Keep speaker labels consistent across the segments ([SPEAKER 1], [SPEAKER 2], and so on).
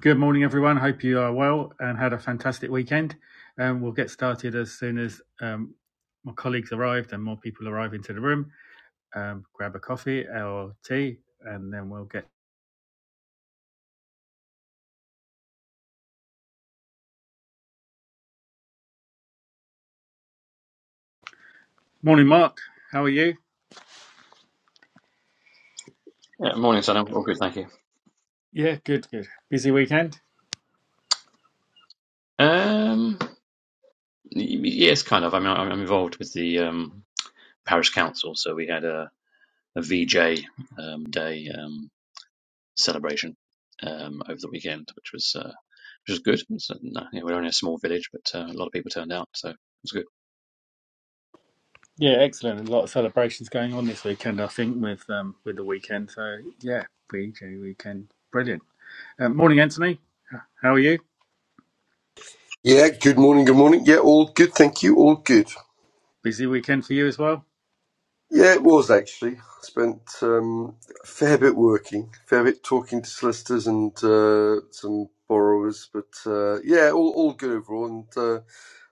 [SPEAKER 1] Good morning, everyone. Hope you are well and had a fantastic weekend. Um, we'll get started as soon as um, my colleagues arrived and more people arrive into the room. Um, grab a coffee or tea, and then we'll get. Morning, Mark. How are you?
[SPEAKER 2] Yeah, morning, Sam. All good, thank you.
[SPEAKER 1] Yeah, good, good. Busy weekend.
[SPEAKER 2] Um, y- yes, kind of. I mean, I'm I'm involved with the um, parish council, so we had a, VJ um, day um, celebration um, over the weekend, which was uh, which was good. So, no, you know, we're only a small village, but uh, a lot of people turned out, so it was good.
[SPEAKER 1] Yeah, excellent. A lot of celebrations going on this weekend, I think, with um, with the weekend. So yeah, BJ weekend, brilliant. Um, morning, Anthony. How are you?
[SPEAKER 3] Yeah, good morning, good morning. Yeah, all good, thank you, all good.
[SPEAKER 1] Busy weekend for you as well.
[SPEAKER 3] Yeah, it was actually. I spent um, a fair bit working, fair bit talking to solicitors and uh, some borrowers, but uh, yeah, all, all good overall. And uh,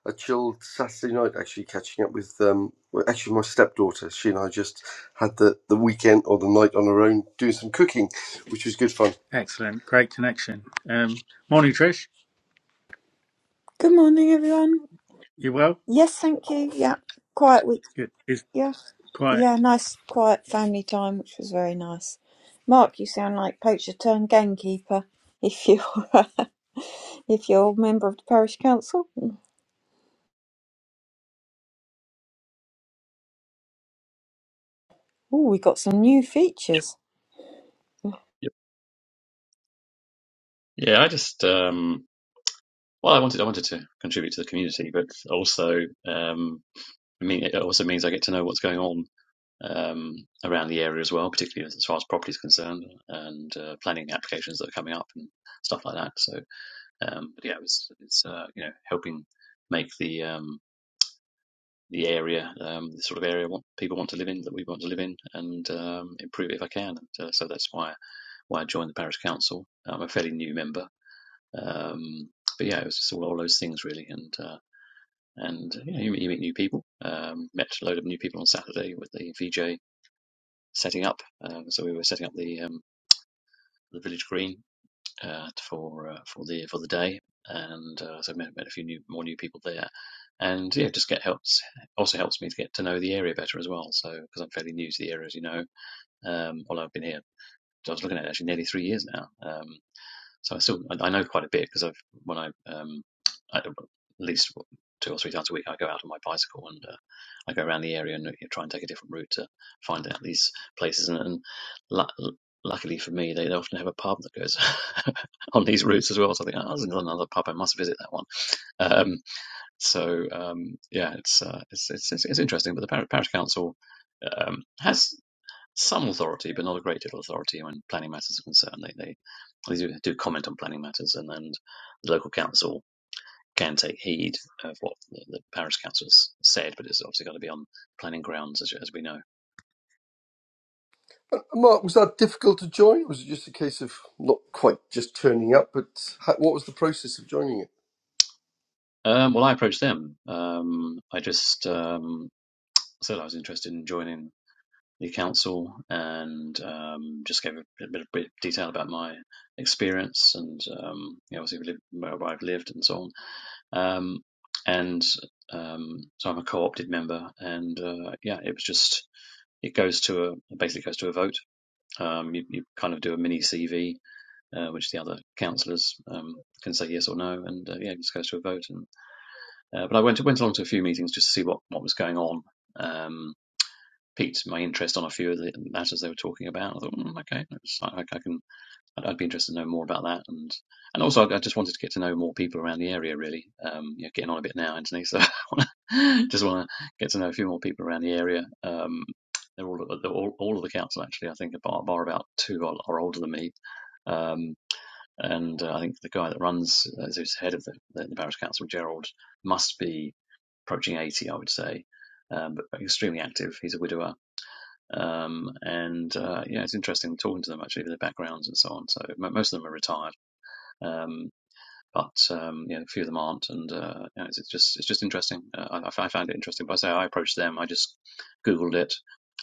[SPEAKER 3] I chilled Saturday night actually catching up with, um, well, actually, my stepdaughter. She and I just had the, the weekend or the night on our own doing some cooking, which was good fun.
[SPEAKER 1] Excellent. Great connection. Um, morning, Trish.
[SPEAKER 4] Good morning, everyone.
[SPEAKER 1] You well?
[SPEAKER 4] Yes, thank you. Yeah, quiet week.
[SPEAKER 1] Good. It's
[SPEAKER 4] Yeah,
[SPEAKER 1] quite
[SPEAKER 4] yeah, nice quiet family time, which was very nice. Mark, you sound like poacher turned gamekeeper. If you're if you're a member of the parish council, oh, we got some new features.
[SPEAKER 2] Yep. Yeah, I just um, well, I wanted I wanted to contribute to the community, but also um, I mean, it also means I get to know what's going on um, around the area as well, particularly as far as property is concerned, and uh, planning applications that are coming up and stuff like that. So, um, but yeah, it's it's uh, you know helping make the um, the area um, the sort of area what people want to live in that we want to live in, and um, improve it if I can. And, uh, so that's why why I joined the parish council. I'm a fairly new member, um, but yeah, it was just all, all those things really, and. Uh, and you, know, you meet you meet new people. Um, met a load of new people on Saturday with the VJ setting up. Um, so we were setting up the um, the village green uh, for uh, for the for the day, and uh, so met, met a few new more new people there, and yeah, just get helps also helps me to get to know the area better as well. So because I'm fairly new to the area, as you know, um, although I've been here, I was looking at it actually nearly three years now. Um, so I still I, I know quite a bit because I've when I um I, at least two or three times a week I go out on my bicycle and uh, I go around the area and you know, try and take a different route to find out these places and, and lu luckily for me they, they often have a pub that goes on these routes as well so I think oh, there's another pub I must visit that one um, so um, yeah it's, uh, it's it's it's it's interesting but the parish, parish council um, has some authority, but not a great deal of authority when planning matters are concerned. They they, they do, do comment on planning matters, and and the local council can take heed of what the, the parish council's said, but it's obviously got to be on planning grounds, as, as we know.
[SPEAKER 3] Uh, Mark, was that difficult to join? Was it just a case of not quite just turning up, but how, what was the process of joining it?
[SPEAKER 2] Um, well, I approached them. Um, I just um, said I was interested in joining the council and um, just gave a bit, bit of detail about my experience and um, you know, obviously where I've lived and so on Um, and um, so I'm a co-opted member, and uh, yeah, it was just it goes to a basically goes to a vote. Um, you, you kind of do a mini CV, uh, which the other councillors um, can say yes or no, and uh, yeah, it just goes to a vote. And uh, but I went went along to a few meetings just to see what what was going on. Um, piqued my interest on a few of the matters they were talking about. I thought, mm, okay, I, I can I'd, I'd be interested to know more about that, and and also I, just wanted to get to know more people around the area. Really, um, you're getting on a bit now, Anthony. So I wanna, just want to get to know a few more people around the area. Um, they're all, they're all all of the council actually. I think bar, bar about two are, are older than me. Um, and uh, I think the guy that runs, uh, who's head of the, the, the parish council, Gerald, must be approaching 80, I would say, um, but extremely active. He's a widower. Um, and uh, yeah, it's interesting talking to them actually, their backgrounds and so on. So most of them are retired, um, but um, yeah, a few of them aren't, and uh, yeah, it's, it's just it's just interesting. Uh, I, I f- I found it interesting. But I say I approached them. I just googled it.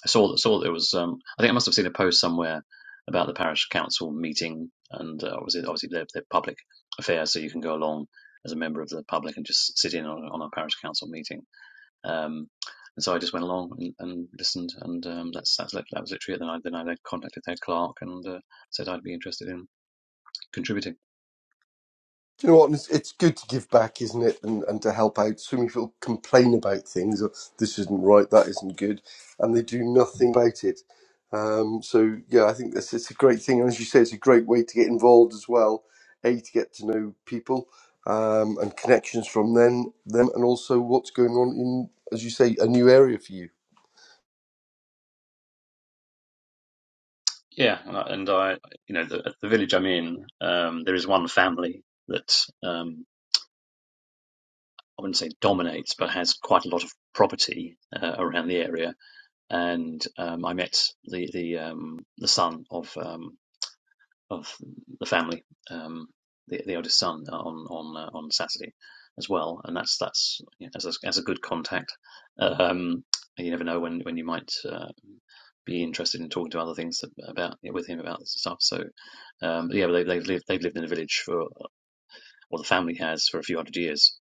[SPEAKER 2] I saw that saw that it was. Um, I think I must have seen a post somewhere about the parish council meeting, and uh, obviously obviously they're, they're public affairs, so you can go along as a member of the public and just sit in on, on a parish council meeting um, and so I just went along and, and listened, and um, that's that's that was literally it. Then I then I contacted Ed Clark and uh, said I'd be interested in contributing.
[SPEAKER 3] Do you know what? It's, it's good to give back, isn't it? And, and to help out. So many people complain about things. "Oh, This isn't right. That isn't good, and they do nothing about it. Um, so yeah, I think that's it's a great thing, and as you say, it's a great way to get involved as well. A to get to know people um, and connections from them, them, and also what's going on in, as you say, a new area for you.
[SPEAKER 2] Yeah, and I, and I you know the, the village I'm in, um, there is one family that um, I wouldn't say dominates, but has quite a lot of property uh, around the area. And um, I met the the um, the son of um, of the family, um, the, the eldest son, uh, on on uh, on Saturday as well, and that's that's you know, as a, as a good contact. Um, you never know when when you might uh, be interested in talking to other things about you know, with him about this stuff. So um, yeah, but they, they've lived they've lived in the village for or the family has for a few hundred years.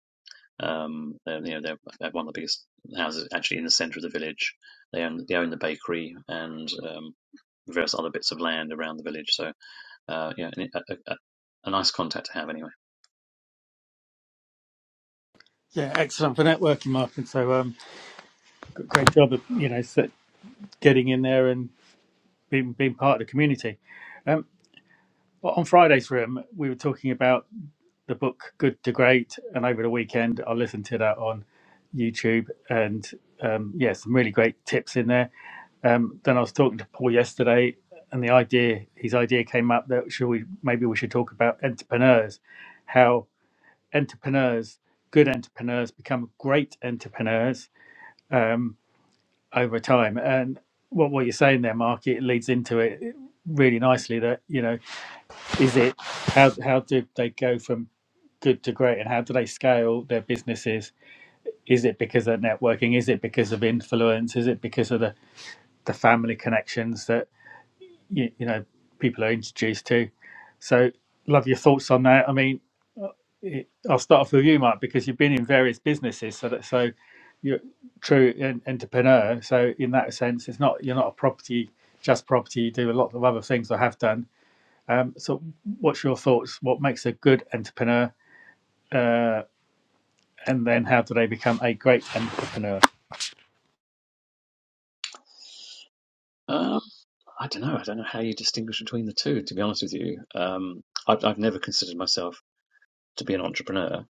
[SPEAKER 2] Um, they're, you know they're, they're one of the biggest houses actually in the centre of the village. They own they own the bakery and um, various other bits of land around the village. So uh, yeah, a, a, a a nice contact to have anyway.
[SPEAKER 1] yeah, excellent for networking, Martin. So um, g- great job of you know s- getting in there and being being part of the community. Um, but on Friday's room, we were talking about the book Good to Great, and over the weekend, I listened to that on YouTube, and um, yeah, some really great tips in there. Um, then I was talking to Paul yesterday, and the idea his idea came up that should we maybe we should talk about entrepreneurs, how entrepreneurs, good entrepreneurs, become great entrepreneurs um, over time. And what what you're saying there, Mark, it leads into it really nicely. That you know, is it how how do they go from good to great, and how do they scale their businesses? Is it because of networking? Is it because of influence? Is it because of the the family connections that you, you know people are introduced to? So, love your thoughts on that. I mean, it, I'll start off with you, Mike, because you've been in various businesses, so that so you're true an entrepreneur. So in that sense, it's not you're not a property just property. You do a lot of other things. I have done. Um, so what's your thoughts? What makes a good entrepreneur, and then how do they become a great entrepreneur?
[SPEAKER 2] Um, I don't know. I don't know how you distinguish between the two. To be honest with you, um, I've, I've never considered myself to be an entrepreneur.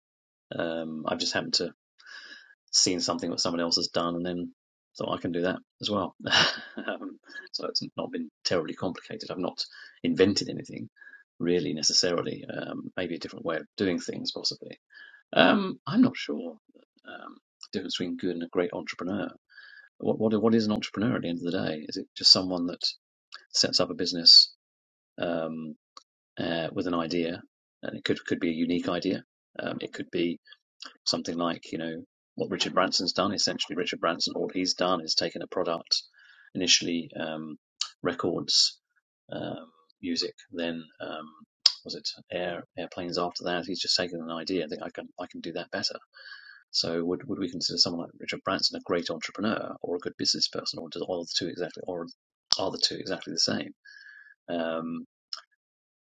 [SPEAKER 2] Um, I've just happened to seen something that someone else has done, and then thought I can do that as well. um, so it's not been terribly complicated. I've not invented anything really necessarily. Um, maybe a different way of doing things, possibly. Um, I'm not sure um, the difference between good and a great entrepreneur. What what what is an entrepreneur at the end of the day? Is it just someone that sets up a business um, uh, with an idea, and it could could be a unique idea. Um, it could be something like you know what Richard Branson's done. Essentially, Richard Branson, all he's done is taken a product, initially um, records, um, music, then um, was it air airplanes after that? He's just taken an idea. I think I can I can do that better so would would we consider someone like Richard Branson a great entrepreneur or a good business person, or do are the two exactly or are the two exactly the same? Um,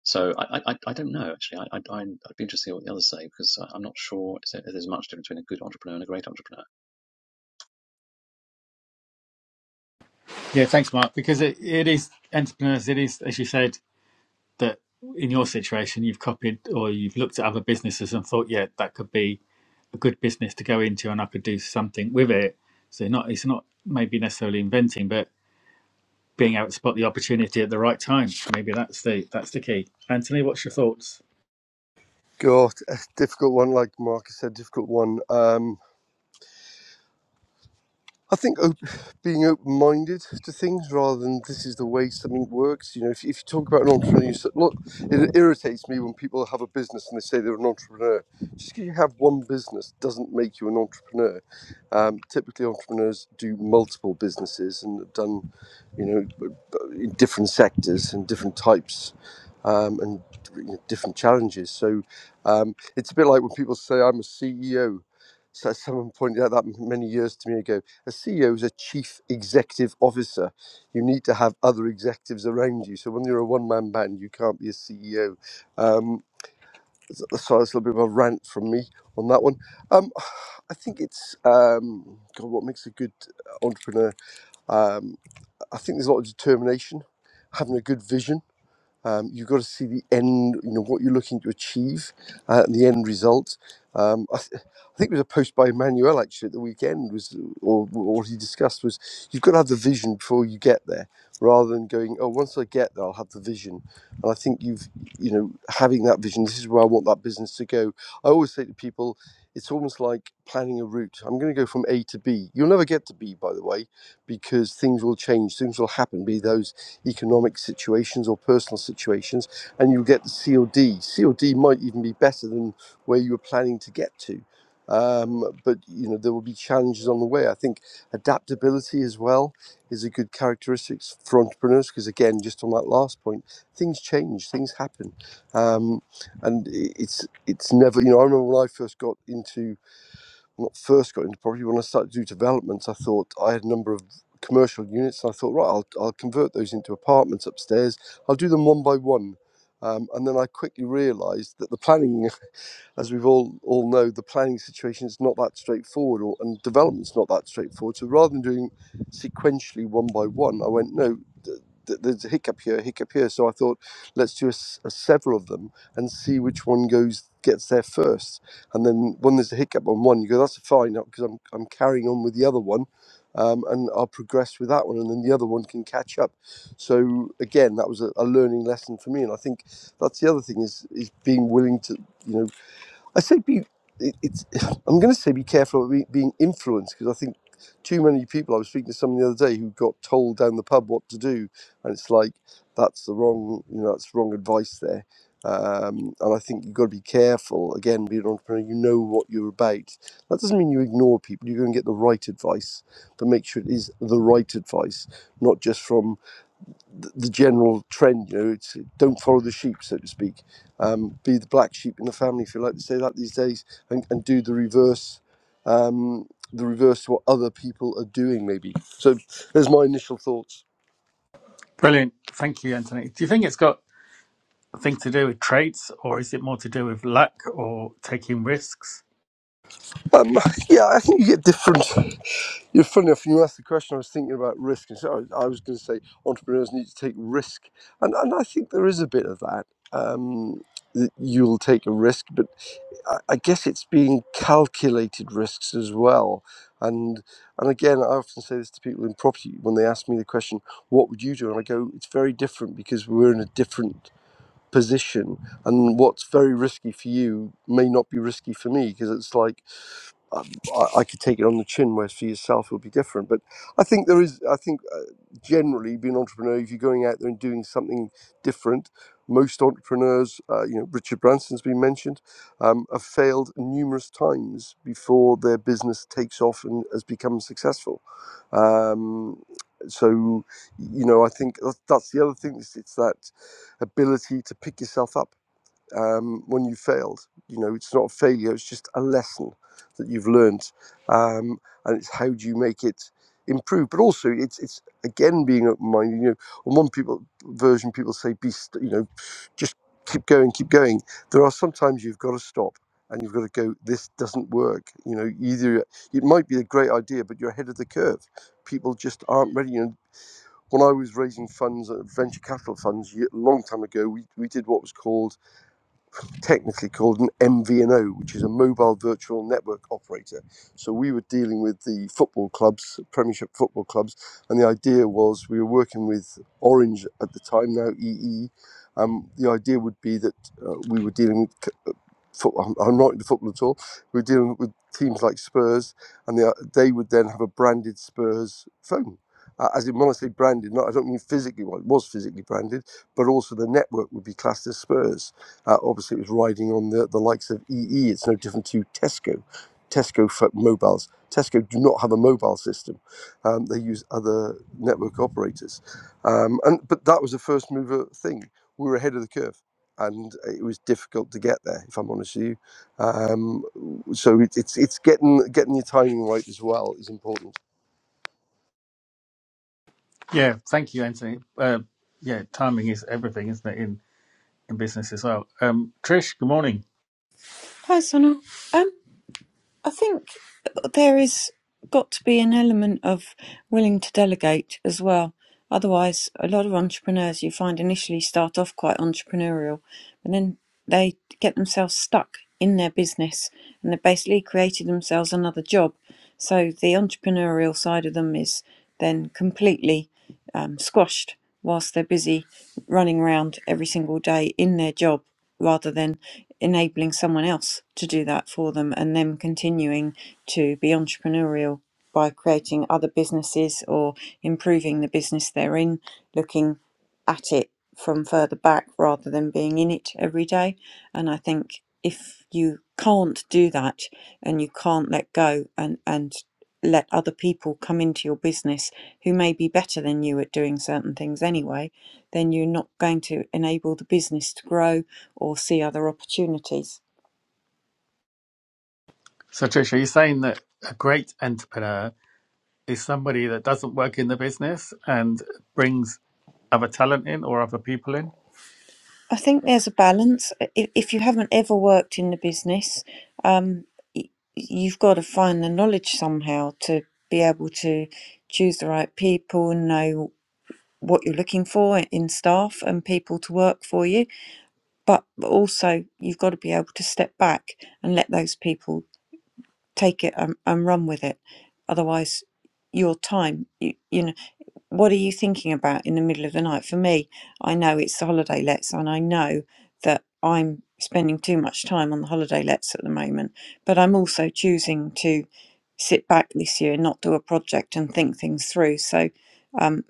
[SPEAKER 2] so I, I I don't know actually. I, I I'd be interested to hear what the others say because I- am not sure if there's much difference between a good entrepreneur and a great entrepreneur.
[SPEAKER 1] Yeah, thanks, Mark. Because it, it is entrepreneurs. It is as you said that in your situation you've copied or you've looked at other businesses and thought, yeah, that could be a good business to go into and I could do something with it. So not it's not maybe necessarily inventing, but being able to spot the opportunity at the right time. Maybe that's the that's the key. Anthony, what's your thoughts?
[SPEAKER 3] God, a difficult one. Like Marcus said, difficult one. Um, I think op- being open-minded to things rather than this is the way something works. You know, if, if you talk about an entrepreneur, you s- look, it irritates me when people have a business and they say they're an entrepreneur. Just because you have one business doesn't make you an entrepreneur. Um, typically, entrepreneurs do multiple businesses and have done, you know, b- b- in different sectors and different types. Um, and you know, different challenges. So um, it's a bit like when people say I'm a CEO. So someone pointed out that many years to me ago a CEO is a chief executive officer. You need to have other executives around you. So when you're a one-man band, you can't be a CEO. Um, so so that's a little bit of a rant from me on that one. Um, I think it's um, God, what makes a good entrepreneur. Um, I think there's a lot of determination, having a good vision um, you've got to see the end, you know, what you're looking to achieve, uh, and the end result. Um, I, th- I think it was a post by Emmanuel actually at the weekend was, or or what he discussed was, you've got to have the vision before you get there, rather than going, oh, once I get there, I'll have the vision. And I think you've, you know, having that vision. This is where I want that business to go. I always say to people, it's almost like planning a route. I'm going to go from A to B. You'll never get to B, by the way, because things will change, things will happen. Be those economic situations or personal situations, and you'll get the COD. COD might even be better than where you were planning to get to. Um, but you know there will be challenges on the way. I think adaptability as well is a good characteristic for entrepreneurs because again, just on that last point, things change, things happen, um, and it's it's never. You know, I remember when I first got into when I first got into property, when I started to do developments, I thought I had a number of commercial units, and I thought, right, I'll, I'll convert those into apartments upstairs. I'll do them one by one. Um, and then I quickly realised that the planning as we've all all know, the planning situation is not that straightforward, or and development's not that straightforward. So rather than doing sequentially one by one, I went no. th- th- There's a hiccup here, a hiccup here. So I thought, let's do a, s- a several of them and see which one goes gets there first. And then when there's a hiccup on one, you go, that's fine, because I'm I'm carrying on with the other one, um, and I'll progress with that one, and then the other one can catch up. So again, that was a, a learning lesson for me, and I think that's the other thing is is being willing to you know I say be. It, it's. I'm going to say be careful of be- being influenced because I think too many people. I was speaking to someone the other day who got told down the pub what to do, and it's like that's the wrong. You know, that's wrong advice there. Um, and I think you've got to be careful. Again, being an entrepreneur, you know what you're about. That doesn't mean you ignore people. You're going to get the right advice, but make sure it is the right advice, not just from the general trend. You know, it's don't follow the sheep, so to speak. Um, be the black sheep in the family, if you like to say that these days, and, and do the reverse, um, the reverse to what other people are doing, maybe. So there's my initial thoughts.
[SPEAKER 1] Brilliant. Thank you, Anthony. Do you think it's got a thing to do with traits or is it more to do with luck or taking risks?
[SPEAKER 3] Um, yeah, I think you get different. You're funny enough. When you asked the question, I was thinking about risk, and so I, I was going to say entrepreneurs need to take risk, and and I think there is a bit of that. Um, that you'll take a risk, but I I guess it's being calculated risks as well. And and again, I often say this to people in property when they ask me the question, "What would you do?" And I go, "It's very different because we're in a different position, and what's very risky for you may not be risky for me because it's like." um, I, I could take it on the chin, whereas for yourself it'll be different. But I think there is, I think uh, generally being an entrepreneur, if you're going out there and doing something different, most entrepreneurs, uh, you know, Richard Branson's been mentioned, um, have failed numerous times before their business takes off and has become successful. Um, so, you know, I think that's that's the other thing. It's, it's that ability to pick yourself up um, when you failed. You know, it's not a failure, it's just a lesson that you've learned. Um, and it's how do you make it improve? But also, it's, it's again being open minded. You know, on one people version, people say, be, st- you know, just keep going, keep going. There are sometimes you've got to stop. And you've got to go. This doesn't work. You know, either it might be a great idea, but you're ahead of the curve. People just aren't ready. You know, when I was raising funds, uh, venture capital funds, ye- a long time ago, we, we did what was called technically called an MVNO, which is a mobile virtual network operator. So we were dealing with the football clubs, Premiership football clubs, and the idea was we were working with Orange at the time, now EE. Um, the idea would be that uh, we were dealing with I'm, not into football at all. We're dealing with teams like Spurs, and they, they would then have a branded Spurs phone. Uh, as in, when I say branded, not, I don't mean physically, well, it was physically branded, but also the network would be classed as Spurs. Uh, obviously, it was riding on the, the likes of EE. It's no different to Tesco. Tesco for mobiles. Tesco do not have a mobile system. Um, they use other network operators. Um, and But that was a first mover thing. We were ahead of the curve and it was difficult to get there. If I'm honest with you, um, so it, it's it's getting getting your timing right as well is important.
[SPEAKER 1] Yeah, thank you, Anthony. Uh, yeah, timing is everything, isn't it, in, in business as well? Um, Trish, good morning.
[SPEAKER 4] Hi, Sonal. Um, I think there is got to be an element of willing to delegate as well. Otherwise, a lot of entrepreneurs you find initially start off quite entrepreneurial, and then they get themselves stuck in their business and they basically created themselves another job. So the entrepreneurial side of them is then completely um, squashed whilst they're busy running around every single day in their job rather than enabling someone else to do that for them and them continuing to be entrepreneurial by creating other businesses or improving the business they're in, looking at it from further back rather than being in it every day. And I think if you can't do that and you can't let go and, and let other people come into your business who may be better than you at doing certain things anyway, then you're not going to enable the business to grow or see other opportunities.
[SPEAKER 1] So, Trish, are you saying that a great entrepreneur is somebody that doesn't work in the business and brings other talent in or other people in.
[SPEAKER 4] I think there's a balance. I- If you haven't ever worked in the business, um, y- you've got to find the knowledge somehow to be able to choose the right people, and know what you're looking for in staff and people to work for you. But also, you've got to be able to step back and let those people take it and, and run with it. Otherwise, your time, you, you know. what are you thinking about in the middle of the night? For me, I know it's the holiday lets, and I know that I'm spending too much time on the holiday lets at the moment, but I'm also choosing to sit back this year and not do a project and think things through. So um,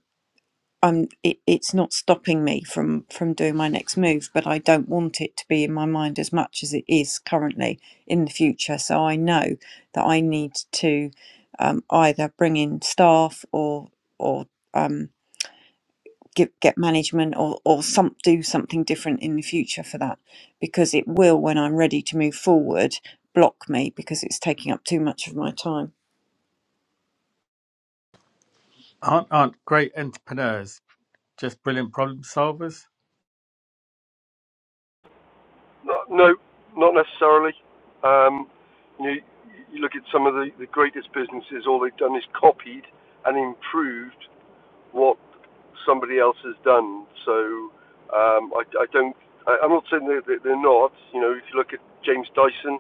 [SPEAKER 4] I'm it, it's not stopping me from from doing my next move, but I don't want it to be in my mind as much as it is currently in the future. So I know that I need to um, either bring in staff or or um, get, get management or, or some do something different in the future for that because it will when i'm ready to move forward block me because it's taking up too much of my time
[SPEAKER 1] Aren't aren't great entrepreneurs just brilliant problem solvers?
[SPEAKER 3] Not um, you, some of the businesses all is copied and improved what somebody else has done. So um, I, I don't. I, I'm not saying that that they're not. You know, if you look at James Dyson.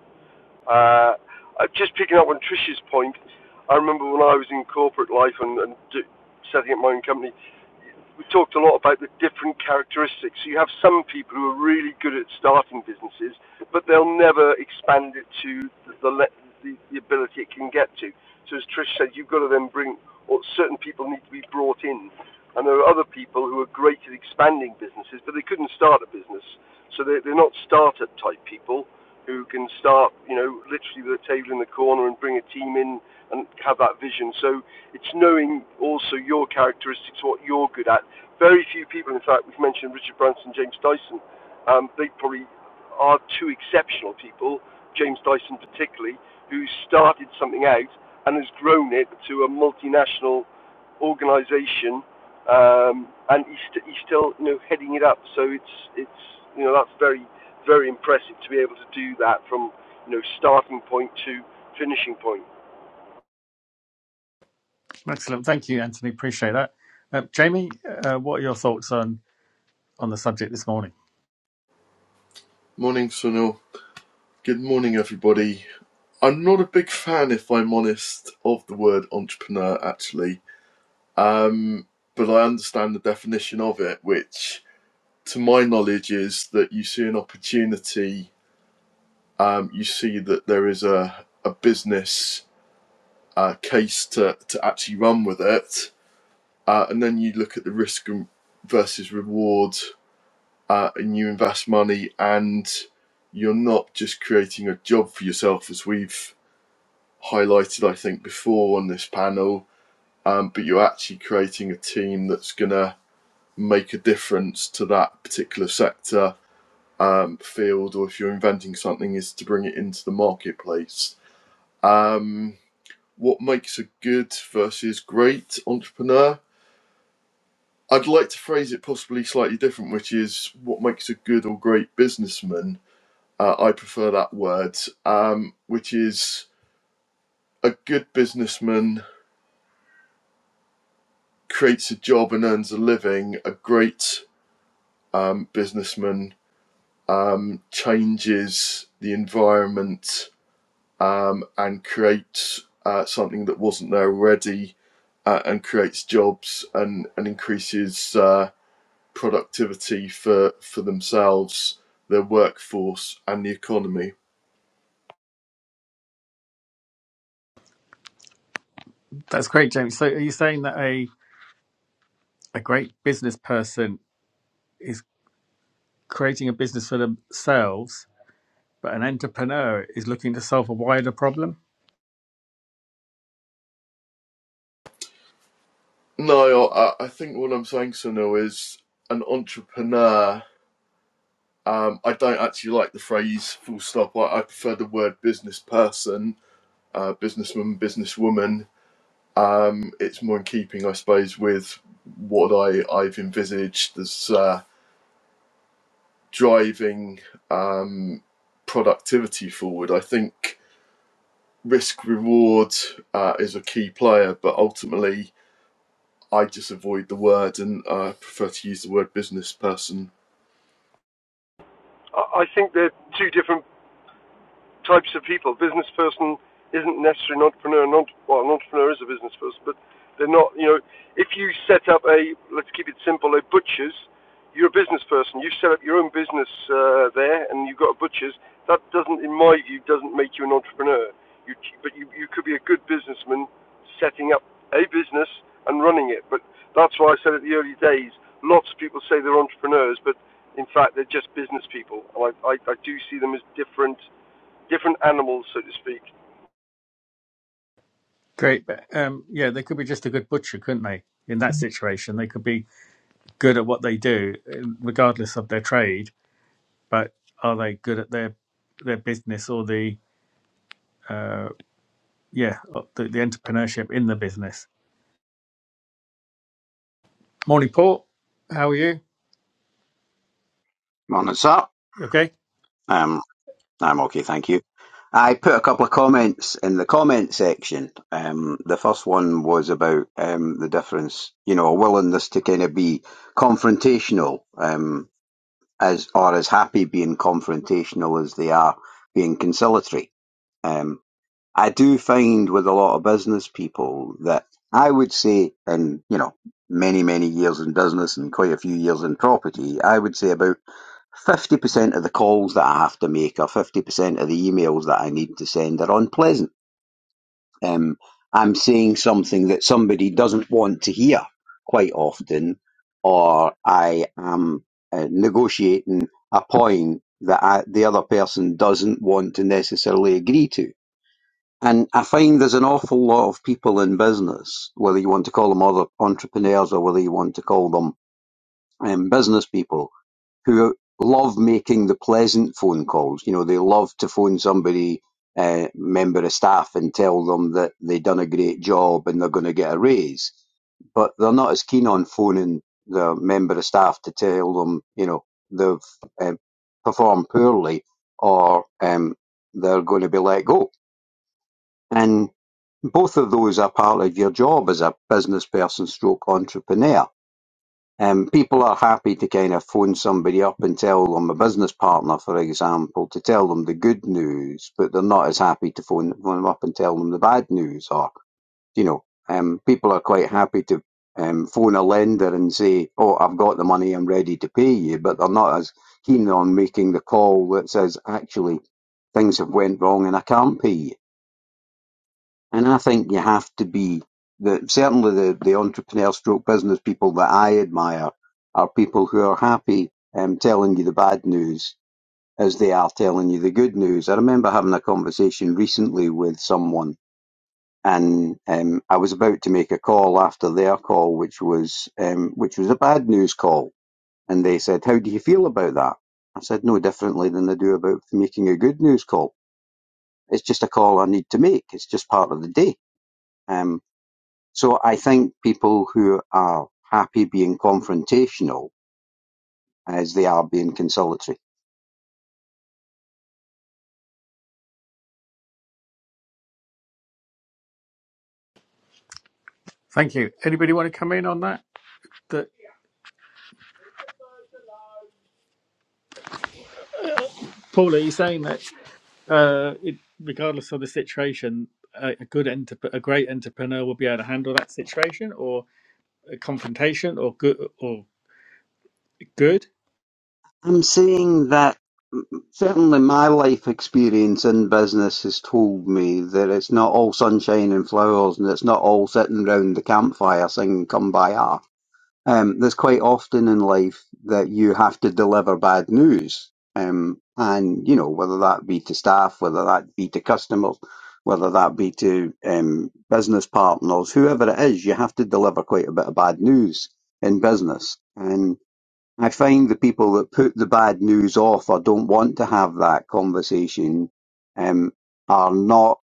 [SPEAKER 3] Uh, uh, just picking up on Trish's point, I remember when I was in corporate life and, and d- setting up my own company, we talked a lot about the different characteristics. So You have some people who are really good at starting businesses, but they'll never expand it to the, the, the, the ability it can get to. So as Trish said, you've got to then bring, or certain people need to be brought in. And there are other people who are great at expanding businesses, but they couldn't start a business. So they're, they're not startup type people who can start, you know, literally with a table in the corner and bring a team in and have that vision. So it's knowing also your characteristics, what you're good at. Very few people, in fact, we've mentioned Richard Branson, James Dyson. Um, they probably are two exceptional people, James Dyson particularly, who started something out and has grown it to a multinational organisation, um, and he's, st- he's still, you know, heading it up. So it's it's you know that's very very impressive to be able to do that from you know starting point to finishing point.
[SPEAKER 1] Excellent, thank you, Anthony. Appreciate that. Uh, Jamie, uh, what are your thoughts on on the subject this morning?
[SPEAKER 5] Morning, Sunil. Good morning, everybody. I'm not a big fan, if I'm honest, of the word entrepreneur, actually. Um, but I understand the definition of it, which, to my knowledge, is that you see an opportunity, um, you see that there is a, a business uh, case to, to actually run with it, uh, and then you look at the risk versus reward, uh, and you invest money, and you're not just creating a job for yourself, as we've highlighted, I think, before on this panel. Um, but you're actually creating a team that's going to make a difference to that particular sector, um, field, or if you're inventing something, is to bring it into the marketplace. Um, what makes a good versus great entrepreneur? I'd like to phrase it possibly slightly different, which is what makes a good or great businessman. Uh, I prefer that word, um, which is a good businessman creates a job and earns a living, a great um, businessman um, changes the environment um, and creates uh, something that wasn't there already uh, and creates jobs and, and increases uh, productivity for, for themselves, their workforce, and the economy.
[SPEAKER 1] That's great, Jamie. So, are you saying that a a great business person is creating a business for themselves, but an entrepreneur is looking to solve a wider problem?
[SPEAKER 5] No, I, I think what I'm saying, Sunil, is an entrepreneur Um, I don't actually like the phrase full stop. I, I prefer the word business person, uh, businessman, businesswoman. Um, it's more in keeping, I suppose, with what I, I've envisaged as uh, driving um, productivity forward. I think risk reward uh, is a key player, but ultimately I just avoid the word and uh, prefer to use the word business person
[SPEAKER 3] I think they're two different types of people. Business person isn't necessarily an entrepreneur. An entre- well, an entrepreneur is a business person, but they're not. You know, if you set up a let's keep it simple, a butcher's, you're a business person. You set up your own business uh, there, and you've got a butcher's. That doesn't, in my view, doesn't make you an entrepreneur. You, but you, you could be a good businessman setting up a business and running it. But that's why I said at the early days, lots of people say they're entrepreneurs, but in fact they're just business people. And I, I, I do see them as different different animals, so to speak.
[SPEAKER 1] Great. but, Um, yeah, they could be just a good butcher, couldn't they? In that situation, they could be good at what they do, regardless of their trade, but are they good at their their business or the uh, yeah the, the entrepreneurship in the business? Morning, Paul. How are you?
[SPEAKER 6] Morning, sir.
[SPEAKER 1] You okay.
[SPEAKER 6] Um, I'm okay, thank you. I put a couple of comments in the comment section. Um, the first one was about um, the difference, you know, a willingness to kind of be confrontational, um, as or as happy being confrontational as they are being conciliatory. Um, I do find with a lot of business people that I would say, and you know, many many years in business and quite a few years in property, I would say about fifty percent of the calls that I have to make or fifty percent of the emails that I need to send are unpleasant. Um, I'm saying something that somebody doesn't want to hear quite often, or I am uh, negotiating a point that I, the other person doesn't want to necessarily agree to. And I find there's an awful lot of people in business, whether you want to call them other entrepreneurs or whether you want to call them um, business people, who love making the pleasant phone calls. You know, they love to phone somebody, uh, member of staff, and tell them that they've done a great job and they're going to get a raise. But they're not as keen on phoning the member of staff to tell them, you know, they've um, performed poorly or um, they're going to be let go. And both of those are part of your job as a business person stroke entrepreneur um, people are happy to kind of phone somebody up and tell them a business partner, for example, to tell them the good news, but they're not as happy to phone, phone them up and tell them the bad news. Or, you know, um, people are quite happy to um, phone a lender and say, "Oh, I've got the money, I'm ready to pay you," but they're not as keen on making the call that says, "Actually, things have went wrong and I can't pay you." And I think you have to be the certainly the, the entrepreneur stroke business people that I admire are people who are happy um, telling you the bad news as they are telling you the good news. I remember having a conversation recently with someone and um, I was about to make a call after their call which was um, which was a bad news call and they said, How do you feel about that? I said no differently than I do about making a good news call. It's just a call I need to make. It's just part of the day. Um, so I think people who are happy being confrontational as they are being conciliatory.
[SPEAKER 1] Thank you. Anybody want to come in on that? That Paul, are you saying that uh, it, regardless of the situation, a, a good enter a great entrepreneur will be able to handle that situation or a confrontation or good or good?
[SPEAKER 6] I'm saying that certainly my life experience in business has told me that it's not all sunshine and flowers and it's not all sitting round the campfire singing Kumbaya. Um, there's quite often in life that you have to deliver bad news. Um, and, you know, whether that be to staff, whether that be to customers, whether that be to um, business partners, whoever it is, you have to deliver quite a bit of bad news in business. And I find the people that put the bad news off or don't want to have that conversation um, are not,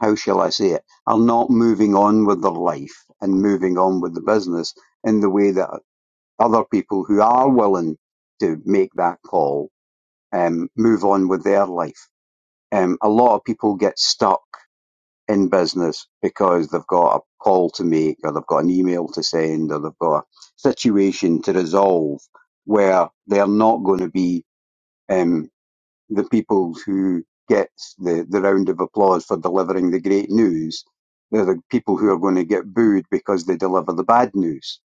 [SPEAKER 6] how shall I say it, are not moving on with their life and moving on with the business in the way that other people who are willing to make that call um, move on with their life. Um, a lot of people get stuck in business because they've got a call to make or they've got an email to send or they've got a situation to resolve where they're not going to be um, the people who get the, the round of applause for delivering the great news. They're the people who are going to get booed because they deliver the bad news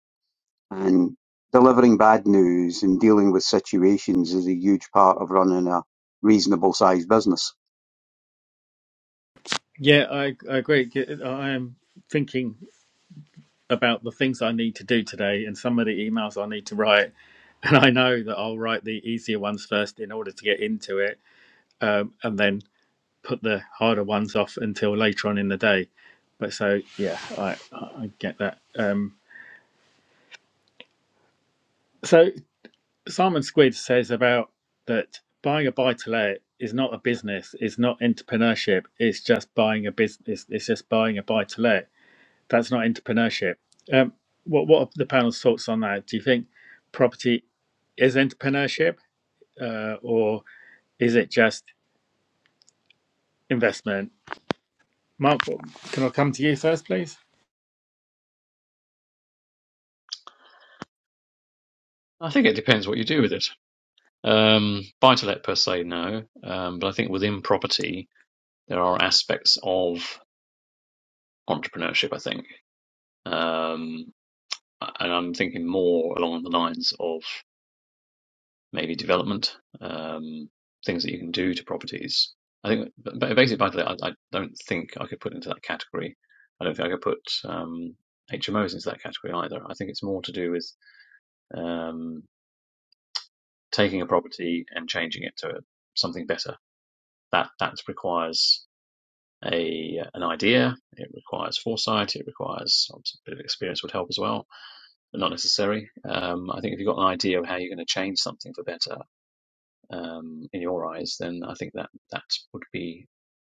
[SPEAKER 6] and delivering bad news and dealing with situations is a huge part of running a reasonable sized business.
[SPEAKER 1] Yeah, I, I agree. Yeah, I am thinking. about the things I need to do today and some of the emails I need to write. And I know that I'll write the easier ones first in order to get into it um, and then put the harder ones off until later on in the day. But so, yeah, I, I get that. Um, so Simon Squid says about that buying a buy to let is not a business, it's not entrepreneurship, it's just buying a business, it's just buying a buy to let that's not entrepreneurship. Um, what what are the panel's thoughts on that? Do you think property is entrepreneurship, uh, or is it just investment? Mark, can I come to you first, please?
[SPEAKER 2] I think it depends what you do with it. Um, buy to let per se, no. Um, but I think within property, there are aspects of. entrepreneurship, I think. Um, and I'm thinking more along the lines of maybe development, um, things that you can do to properties. I think, but basically, by the way, I, I don't think I could put into that category. I don't think I could put um, HMOs into that category either. I think it's more to do with um, taking a property and changing it to something better. That that requires a an idea. It requires foresight. It requires obviously, a bit of experience would help as well but not necessary. Um, I think if you've got an idea of how you're going to change something for better um, in your eyes, then I think that that would be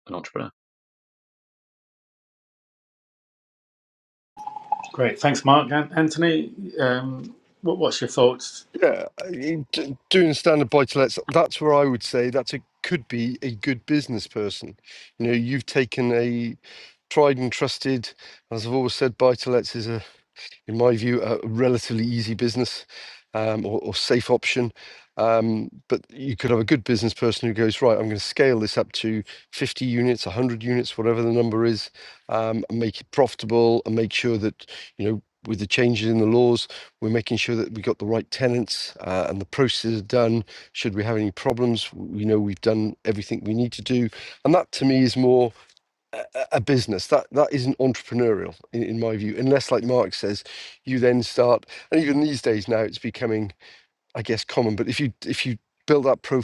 [SPEAKER 2] an entrepreneur.
[SPEAKER 1] Great, thanks, Mark and Anthony. Um, what, what's your thoughts?
[SPEAKER 3] Yeah, I mean, d- doing standard buy-to-lets, that's where I would say that's a could be a good business person. You know, you've taken a tried and trusted, as I've always said, buy-to-lets is a in my view, a relatively easy business um, or, or safe option. Um, but you could have a good business person who goes, right, I'm going to scale this up to 50 units, 100 units, whatever the number is, um, and make it profitable and make sure that, you know, with the changes in the laws, we're making sure that we got the right tenants uh, and the process is done. Should we have any problems, we know we've done everything we need to do. And that to me is more a, a business that that isn't entrepreneurial in, in my view unless like mark says you then start and even these days now it's becoming i guess common but if you if you build up pro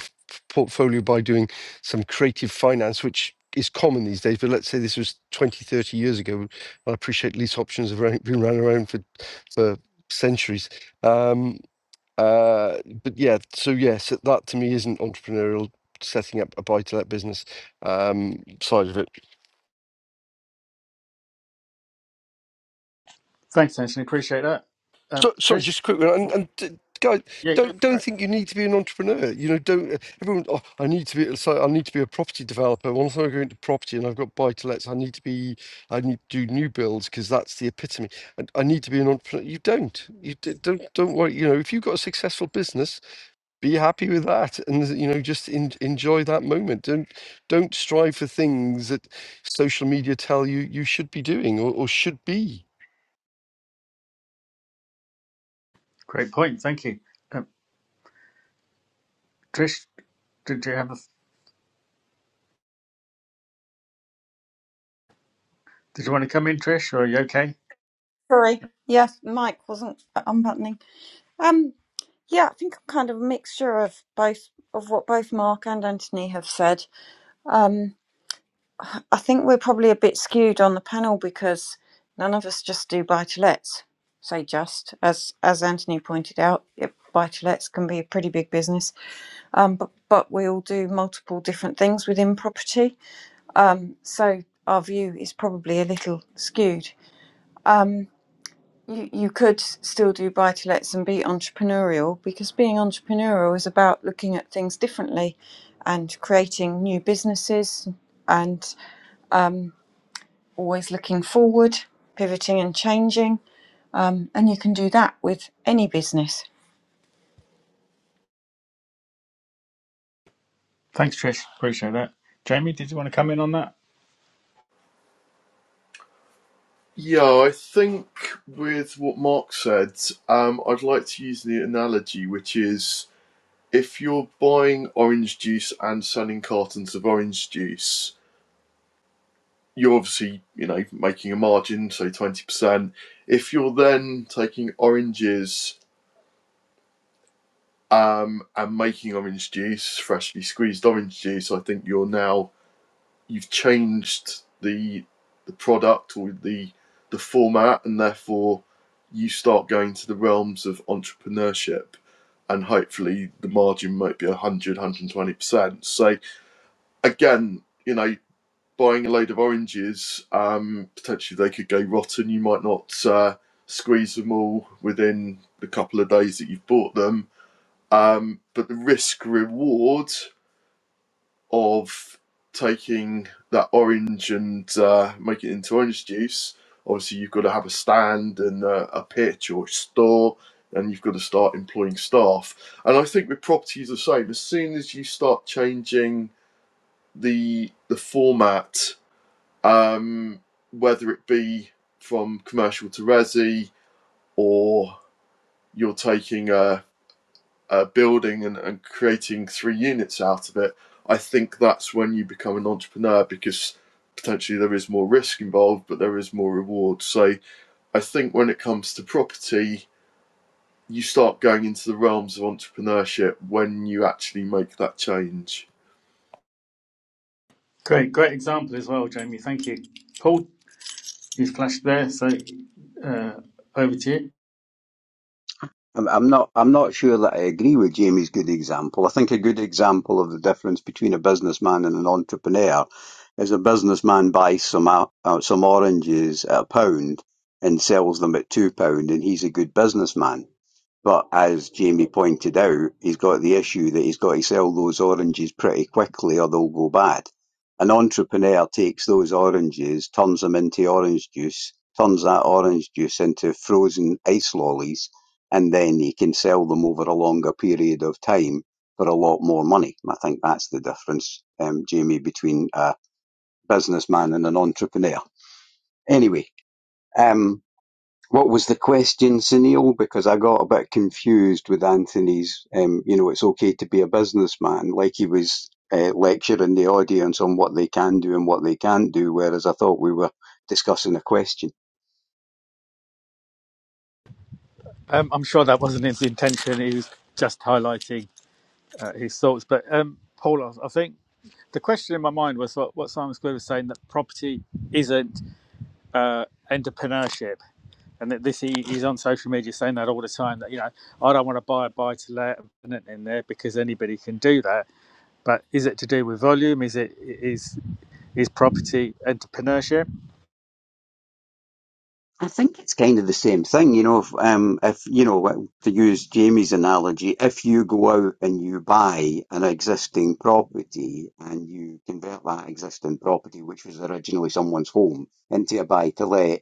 [SPEAKER 3] portfolio by doing some creative finance which is common these days but let's say this was 20 30 years ago i appreciate lease options have around, been around around for for centuries um uh but yeah so yes that to me isn't entrepreneurial setting up a buy to let business um side of it
[SPEAKER 1] Thanks, Anthony. Appreciate that. Um,
[SPEAKER 3] So, sorry,
[SPEAKER 1] Trish,
[SPEAKER 3] just a quick one. And, and d- guys,
[SPEAKER 1] yeah, go
[SPEAKER 3] don't
[SPEAKER 1] for
[SPEAKER 3] don't
[SPEAKER 1] it.
[SPEAKER 3] think you need to be an entrepreneur. You know, don't uh, everyone. Oh, I need to be. So I need to be a property developer. Once I go into property and I've got buy to lets, I need to be. I need to do new builds because that's the epitome. And I need to be an entrepreneur. You don't. You d- don't. Don't worry. You know, if you've got a successful business, be happy with that, and you know, just en enjoy that moment. Don't don't strive for things that social media tell you you should be doing or, or should be.
[SPEAKER 1] Great point. Thank you, um, Trish. Did you have a, did you want to come in, Trish, or are you okay?
[SPEAKER 4] Sorry. Yes, Mike wasn't unbuttoning. Um, yeah, I think I'm kind of a mixture of both of what both Mark and Anthony have said. Um, I think we're probably a bit skewed on the panel because none of us just do buy to lets. Say just as as Anthony pointed out, it, buy to lets can be a pretty big business. um, but, but we all do multiple different things within property. Um, so our view is probably a little skewed. You, you could still do buy to lets and be entrepreneurial because being entrepreneurial is about looking at things differently and creating new businesses and um, always looking forward, pivoting and changing. Um, and you can do that with any business.
[SPEAKER 1] Thanks, Trish. Appreciate that. Jamie, did you want to come in on that?
[SPEAKER 5] Yeah, I think with what Mark said, um, I'd like to use the analogy, which is if you're buying orange juice and selling cartons of orange juice, you're obviously, you know, making a margin, say 20%. If you're then taking oranges um, and making orange juice, freshly squeezed orange juice, I think you're now you've changed the the product or the the format, and therefore you start going to the realms of entrepreneurship, and hopefully the margin might be 100, 120%. So again, you know, buying a load of oranges, um, potentially they could go rotten. You might not uh, squeeze them all within the couple of days that you've bought them. Um, but the risk reward of taking that orange and uh, making it into orange juice, obviously you've got to have a stand and uh, a pitch or a store, and you've got to start employing staff. And I think with property is the same. As soon as you start changing the the format, um, whether it be from commercial to resi, or you're taking a uh, building and, and creating three units out of it, I think that's when you become an entrepreneur because potentially there is more risk involved, but there is more reward. So I think when it comes to property, you start going into the realms of entrepreneurship when you actually make that change.
[SPEAKER 1] Great, great example as well, Jamie. Thank you. Paul, you flashed there, so uh, over to you.
[SPEAKER 6] I'm I'm not. I'm not sure that I agree with Jamie's good example. I think a good example of the difference between a businessman and an entrepreneur is a businessman buys some o- uh, some oranges at a pound and sells them at two pound, and he's a good businessman. But as Jamie pointed out, he's got the issue that he's got to sell those oranges pretty quickly or they'll go bad. An entrepreneur takes those oranges, turns them into orange juice, turns that orange juice into frozen ice lollies, and then he can sell them over a longer period of time for a lot more money. I think that's the difference, um, Jamie, between a businessman and an entrepreneur. Anyway, um, what was the question, Sunil? Because I got a bit confused with Anthony's, um, you know, it's okay to be a businessman, like he was uh, lecturing the audience on what they can do and what they can't do, whereas I thought we were discussing a question.
[SPEAKER 1] Um, I'm sure that wasn't his intention. He was just highlighting uh, his thoughts. But um, Paul, I I think the question in my mind was what, what Simon Square was saying that property isn't uh, entrepreneurship. And that this he, he's on social media saying that all the time that you know I don't want to buy a buy to let tenant in there because anybody can do that. But is it to do with volume? Is it is is property entrepreneurship?
[SPEAKER 6] I think it's kind of the same thing, you know, if, um, if, you know, to use Jamie's analogy, if you go out and you buy an existing property and you convert that existing property, which was originally someone's home, into a buy to let,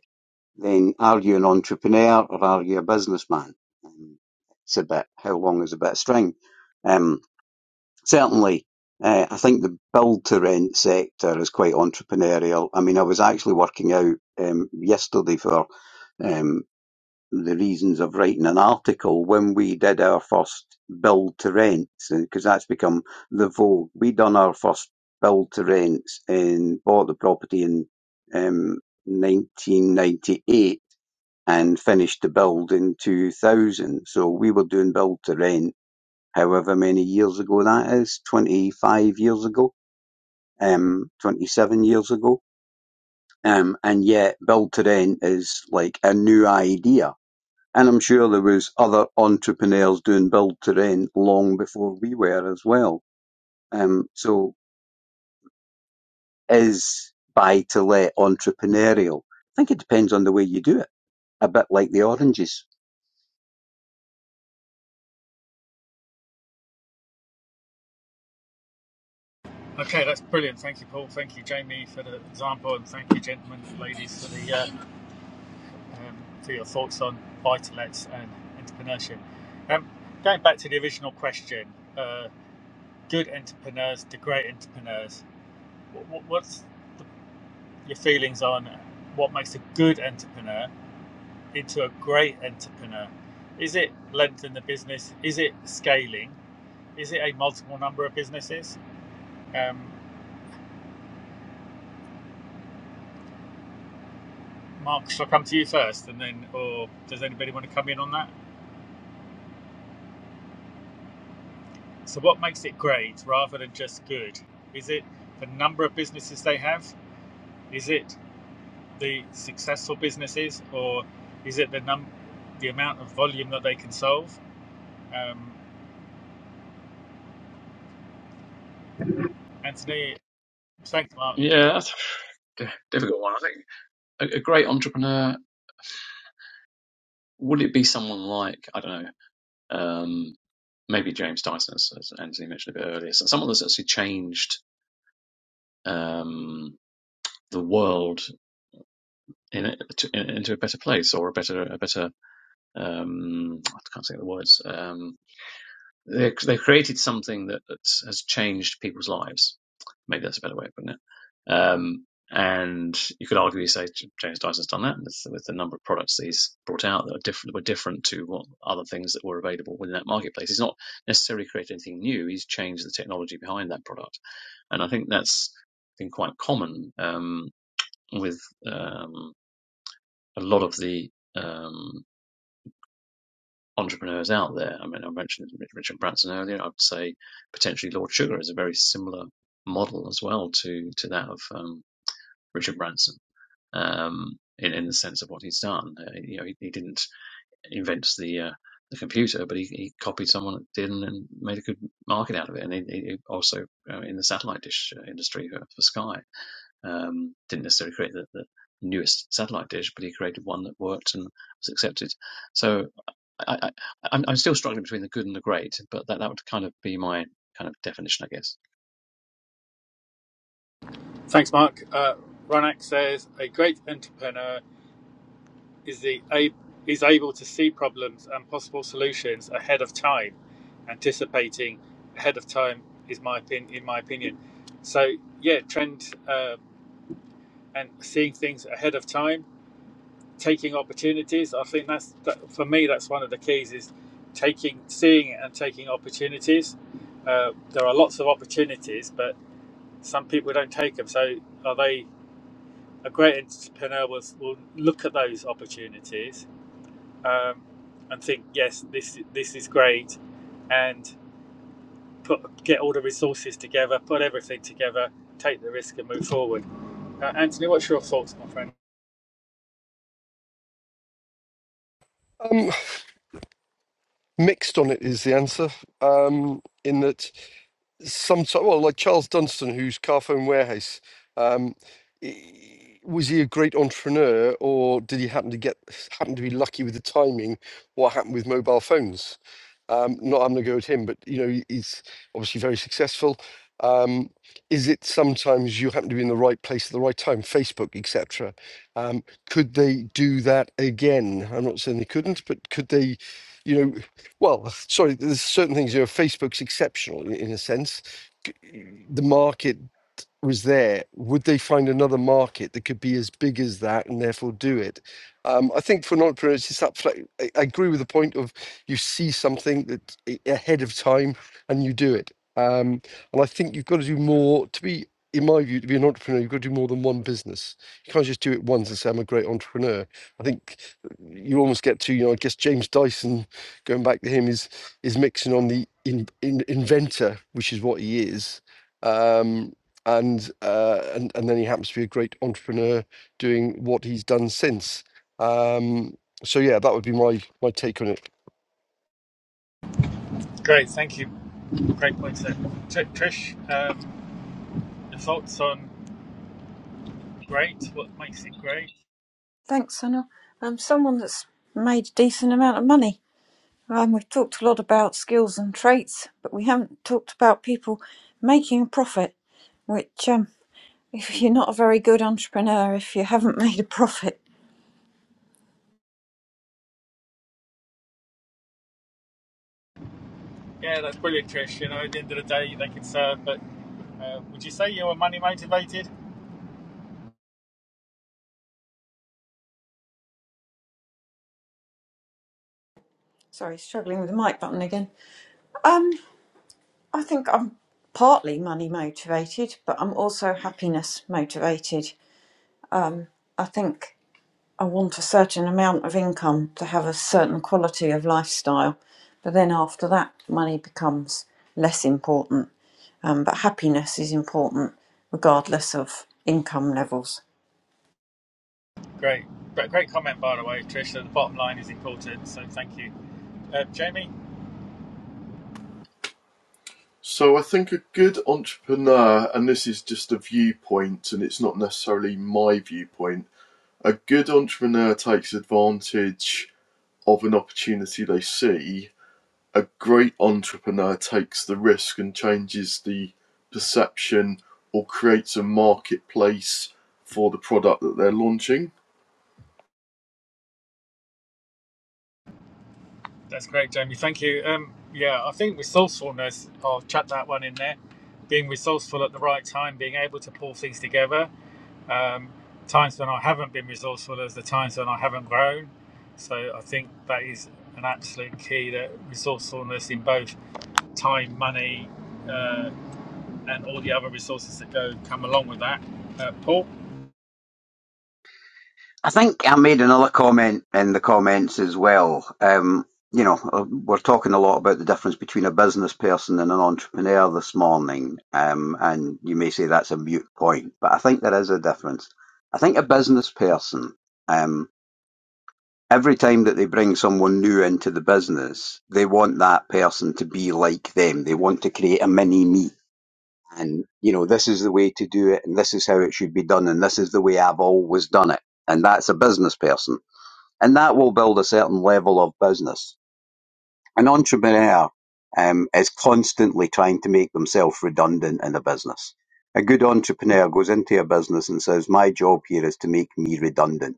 [SPEAKER 6] then are you an entrepreneur or are you a businessman? Um, it's a bit, how long is a bit of string? Um, certainly, uh, I think the build to rent sector is quite entrepreneurial. I mean, I was actually working out um, yesterday for um, the reasons of writing an article when we did our first build to rents because that's become the vogue. We done our first build to rents and bought the property in um, 1998 and finished the build in 2000. So we were doing build to rent however many years ago that is, 25 years ago, um, 27 years ago. Um, and yet build to rent is like a new idea and I'm sure there was other entrepreneurs doing build to rent long before we were as well. Um, so is buy to let entrepreneurial? I think it depends on the way you do it, a bit like the oranges.
[SPEAKER 1] Okay, that's brilliant. Thank you, Paul. Thank you, Jamie, for the example, and thank you, gentlemen, ladies, for the uh, um, for your thoughts on buy-to-lets and entrepreneurship. Um, going back to the original question, uh, good entrepreneurs to great entrepreneurs. What, what's the, your feelings on what makes a good entrepreneur into a great entrepreneur? Is it length in the business? Is it scaling? Is it a multiple number of businesses? Um, Mark, shall I come to you first, and then, or does anybody want to come in on that? So, what makes it great rather than just good? Is it the number of businesses they have? Is it the successful businesses, or is it the num the amount of volume that they can solve? Um, Anthony, thanks, Mark.
[SPEAKER 2] Yeah, that's a difficult one. I think a, a great entrepreneur would it be someone like I don't know, um, maybe James Dyson, as, as Anthony mentioned a bit earlier, so someone that's actually changed um, the world in, a- to, in, into a better place or a better a better um, I can't say the words. Um, They they created something that, that has changed people's lives. Maybe that's a better way of putting it. Um, and you could argue, say James Dyson's done that with, with the number of products that he's brought out that are different were different to what other things that were available within that marketplace. He's not necessarily created anything new. He's changed the technology behind that product, and I think that's been quite common um, with um, a lot of the. Um, entrepreneurs out there. I mean, I mentioned Richard Branson earlier. I'd say potentially Lord Sugar is a very similar model as well to to that of um, Richard Branson um, in in the sense of what he's done. Uh, you know, he, he didn't invent the uh, the computer, but he, he copied someone that did and, and made a good market out of it. And he, he also uh, in the satellite dish uh, industry for, for Sky um, didn't necessarily create the, the newest satellite dish, but he created one that worked and was accepted. So I, I, I'm, I'm still struggling between the good and the great, but that, that would kind of be my kind of definition, I guess.
[SPEAKER 1] Thanks, Mark. Uh, Ronak says a great entrepreneur is the is able to see problems and possible solutions ahead of time, anticipating ahead of time is my opinion. In my opinion, so yeah, trend uh, and seeing things ahead of time, taking opportunities. I think that's that, for me. That's one of the keys is taking, seeing it and taking opportunities. Uh, there are lots of opportunities, but some people don't take them. So are they? A great entrepreneur will, will look at those opportunities um, and think, yes, this this is great, and put get all the resources together, put everything together, take the risk, and move forward. Uh, Anthony, what's your thoughts, my friend?
[SPEAKER 3] Mixed on it is the answer. Um, in that, sometimes, well, like Charles Dunstan, who's Carphone Warehouse, um, i- was he a great entrepreneur, or did he happen to get happen to be lucky with the timing? What happened with mobile phones? Um, not having a go at him, but you know he's obviously very successful. Um, is it sometimes you happen to be in the right place at the right time, Facebook, etc. Um, could they do that again? I'm not saying they couldn't, but could they? You know, well, sorry, there's certain things. You know, Facebook's exceptional in, in a sense. C- The market was there, would they find another market that could be as big as that and therefore do it? Um, I think for an entrepreneur, it's just that. fle- I, I agree with the point of you see something that i- ahead of time and you do it. Um, and I think you've got to do more to be, in my view, to be an entrepreneur. You've got to do more than one business. You can't just do it once and say I'm a great entrepreneur. I think you almost get to, you know, I guess James Dyson, going back to him, is is mixing on the in, in, inventor, which is what he is. Um, and uh, and and then he happens to be a great entrepreneur doing what he's done since. Um, so yeah, that would be my my take on it.
[SPEAKER 1] Great, thank you. Great points there. Tr- Trish, um, your thoughts on great? What makes it great?
[SPEAKER 4] Thanks, Anna. Um, someone that's made a decent amount of money. Um, we've talked a lot about skills and traits, but we haven't talked about people making a profit, which, um, if you're not a very good entrepreneur, if you haven't made a profit,
[SPEAKER 1] Yeah, that's brilliant, Trish. You know, at the end of the day, they can serve, but uh, would you say you were money motivated?
[SPEAKER 4] sorry, struggling with the mic button again. Um, I think I'm partly money motivated, but I'm also happiness motivated. I think I want a certain amount of income to have a certain quality of lifestyle. But then after that, money becomes less important. Um, but happiness is important regardless of income levels.
[SPEAKER 1] Great. great comment, by the way, Trish. So the bottom line is important, so thank you. Uh, Jamie?
[SPEAKER 5] So I think a good entrepreneur, and this is just a viewpoint and it's not necessarily my viewpoint, a good entrepreneur takes advantage of an opportunity they see a great entrepreneur takes the risk and changes the perception or creates a marketplace for the product that they're launching.
[SPEAKER 1] That's great, Jamie. Thank you. Um, yeah, I think resourcefulness, I'll chuck that one in there. Being resourceful at the right time, being able to pull things together. Um, times when I haven't been resourceful as the times when I haven't grown. So I think that is an absolute key that resourcefulness in both time, money, uh, and all the other resources that go come along with that. Uh, Paul?
[SPEAKER 6] I think I made another comment in the comments as well. Um, you know, uh, we're talking a lot about the difference between a business person and an entrepreneur this morning. Um, and you may say that's a mute point, but I think there is a difference. I think a business person. um, Every time that they bring someone new into the business, they want that person to be like them. They want to create a mini me. And, you know, this is the way to do it, and this is how it should be done, and this is the way I've always done it. And that's a business person. And that will build a certain level of business. An entrepreneur um, is constantly trying to make themselves redundant in a business. A good entrepreneur goes into a business and says, My job here is to make me redundant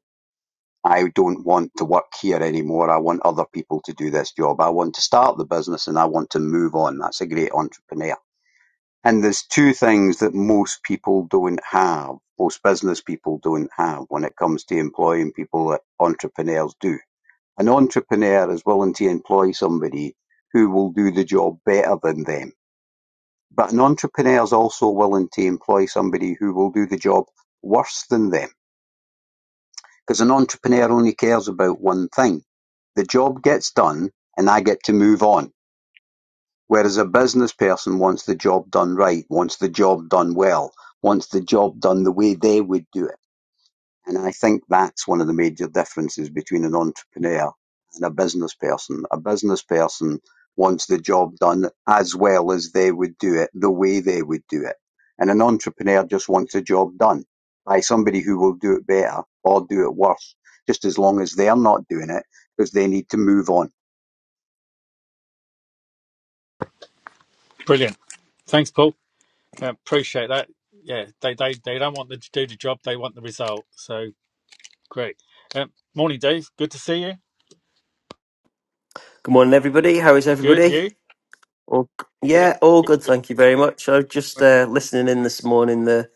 [SPEAKER 6] I don't want to work here anymore. I want other people to do this job. I want to start the business and I want to move on. That's a great entrepreneur. And there's two things that most people don't have, most business people don't have when it comes to employing people that entrepreneurs do. An entrepreneur is willing to employ somebody who will do the job better than them. But an entrepreneur is also willing to employ somebody who will do the job worse than them 'Cause an entrepreneur only cares about one thing. The job gets done, and I get to move on. Whereas a business person wants the job done right, wants the job done well, wants the job done the way they would do it. And I think that's one of the major differences between an entrepreneur and a business person. A business person wants the job done as well as they would do it, the way they would do it. And an entrepreneur just wants a job done by somebody who will do it better or do it worse, just as long as they're not doing it because they need to move on.
[SPEAKER 1] Brilliant. Thanks, Paul. Uh, appreciate that. Yeah, they, they, they don't want to do the job, they want the result. So Great. Um, morning, Dave. Good to see you.
[SPEAKER 7] Good morning, everybody. How is
[SPEAKER 1] Good,
[SPEAKER 7] everybody?
[SPEAKER 1] you?
[SPEAKER 7] All,
[SPEAKER 1] Yeah.
[SPEAKER 7] yeah, all
[SPEAKER 1] Good,
[SPEAKER 7] good.
[SPEAKER 1] good.
[SPEAKER 7] Thank you very much. I was just uh, listening in this morning. The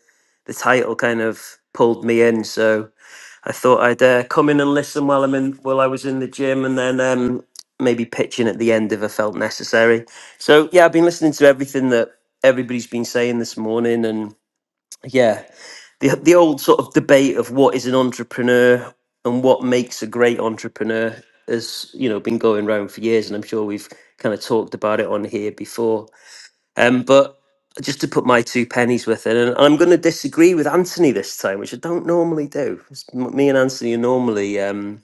[SPEAKER 7] the title kind of pulled me in, so I thought I'd uh, come in and listen while I'm in while I was in the gym, and then um, maybe pitch in at the end if I felt necessary. So yeah, I've been listening to everything that everybody's been saying this morning, and yeah the the old sort of debate of what is an entrepreneur and what makes a great entrepreneur has you know been going round for years, and I'm sure we've kind of talked about it on here before. Um, but just to put my two pennies with it, and I'm going to disagree with Anthony this time, which I don't normally do. It's- m- Me and Anthony are normally um,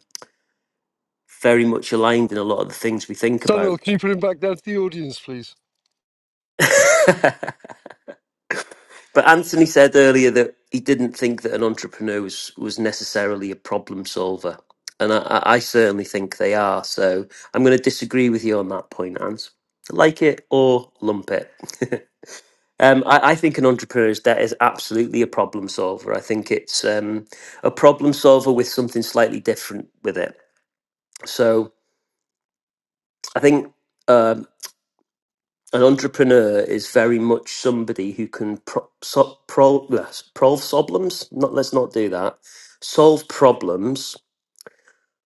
[SPEAKER 7] very much aligned in a lot of the things we think
[SPEAKER 3] Daniel,
[SPEAKER 7] about.
[SPEAKER 3] can you put him back down to the audience, please?
[SPEAKER 7] But Anthony said earlier that he didn't think that an entrepreneur was, was necessarily a problem solver. And I, I I certainly think they are. So I'm going to disagree with you on that point, Ant. Like it or lump it. um, I, I think an entrepreneur's debt is absolutely a problem solver. I think it's um, a problem solver with something slightly different with it. So I think. um an entrepreneur is very much somebody who can pro- so- pro- uh, solve problems. Not let's not do that. Solve problems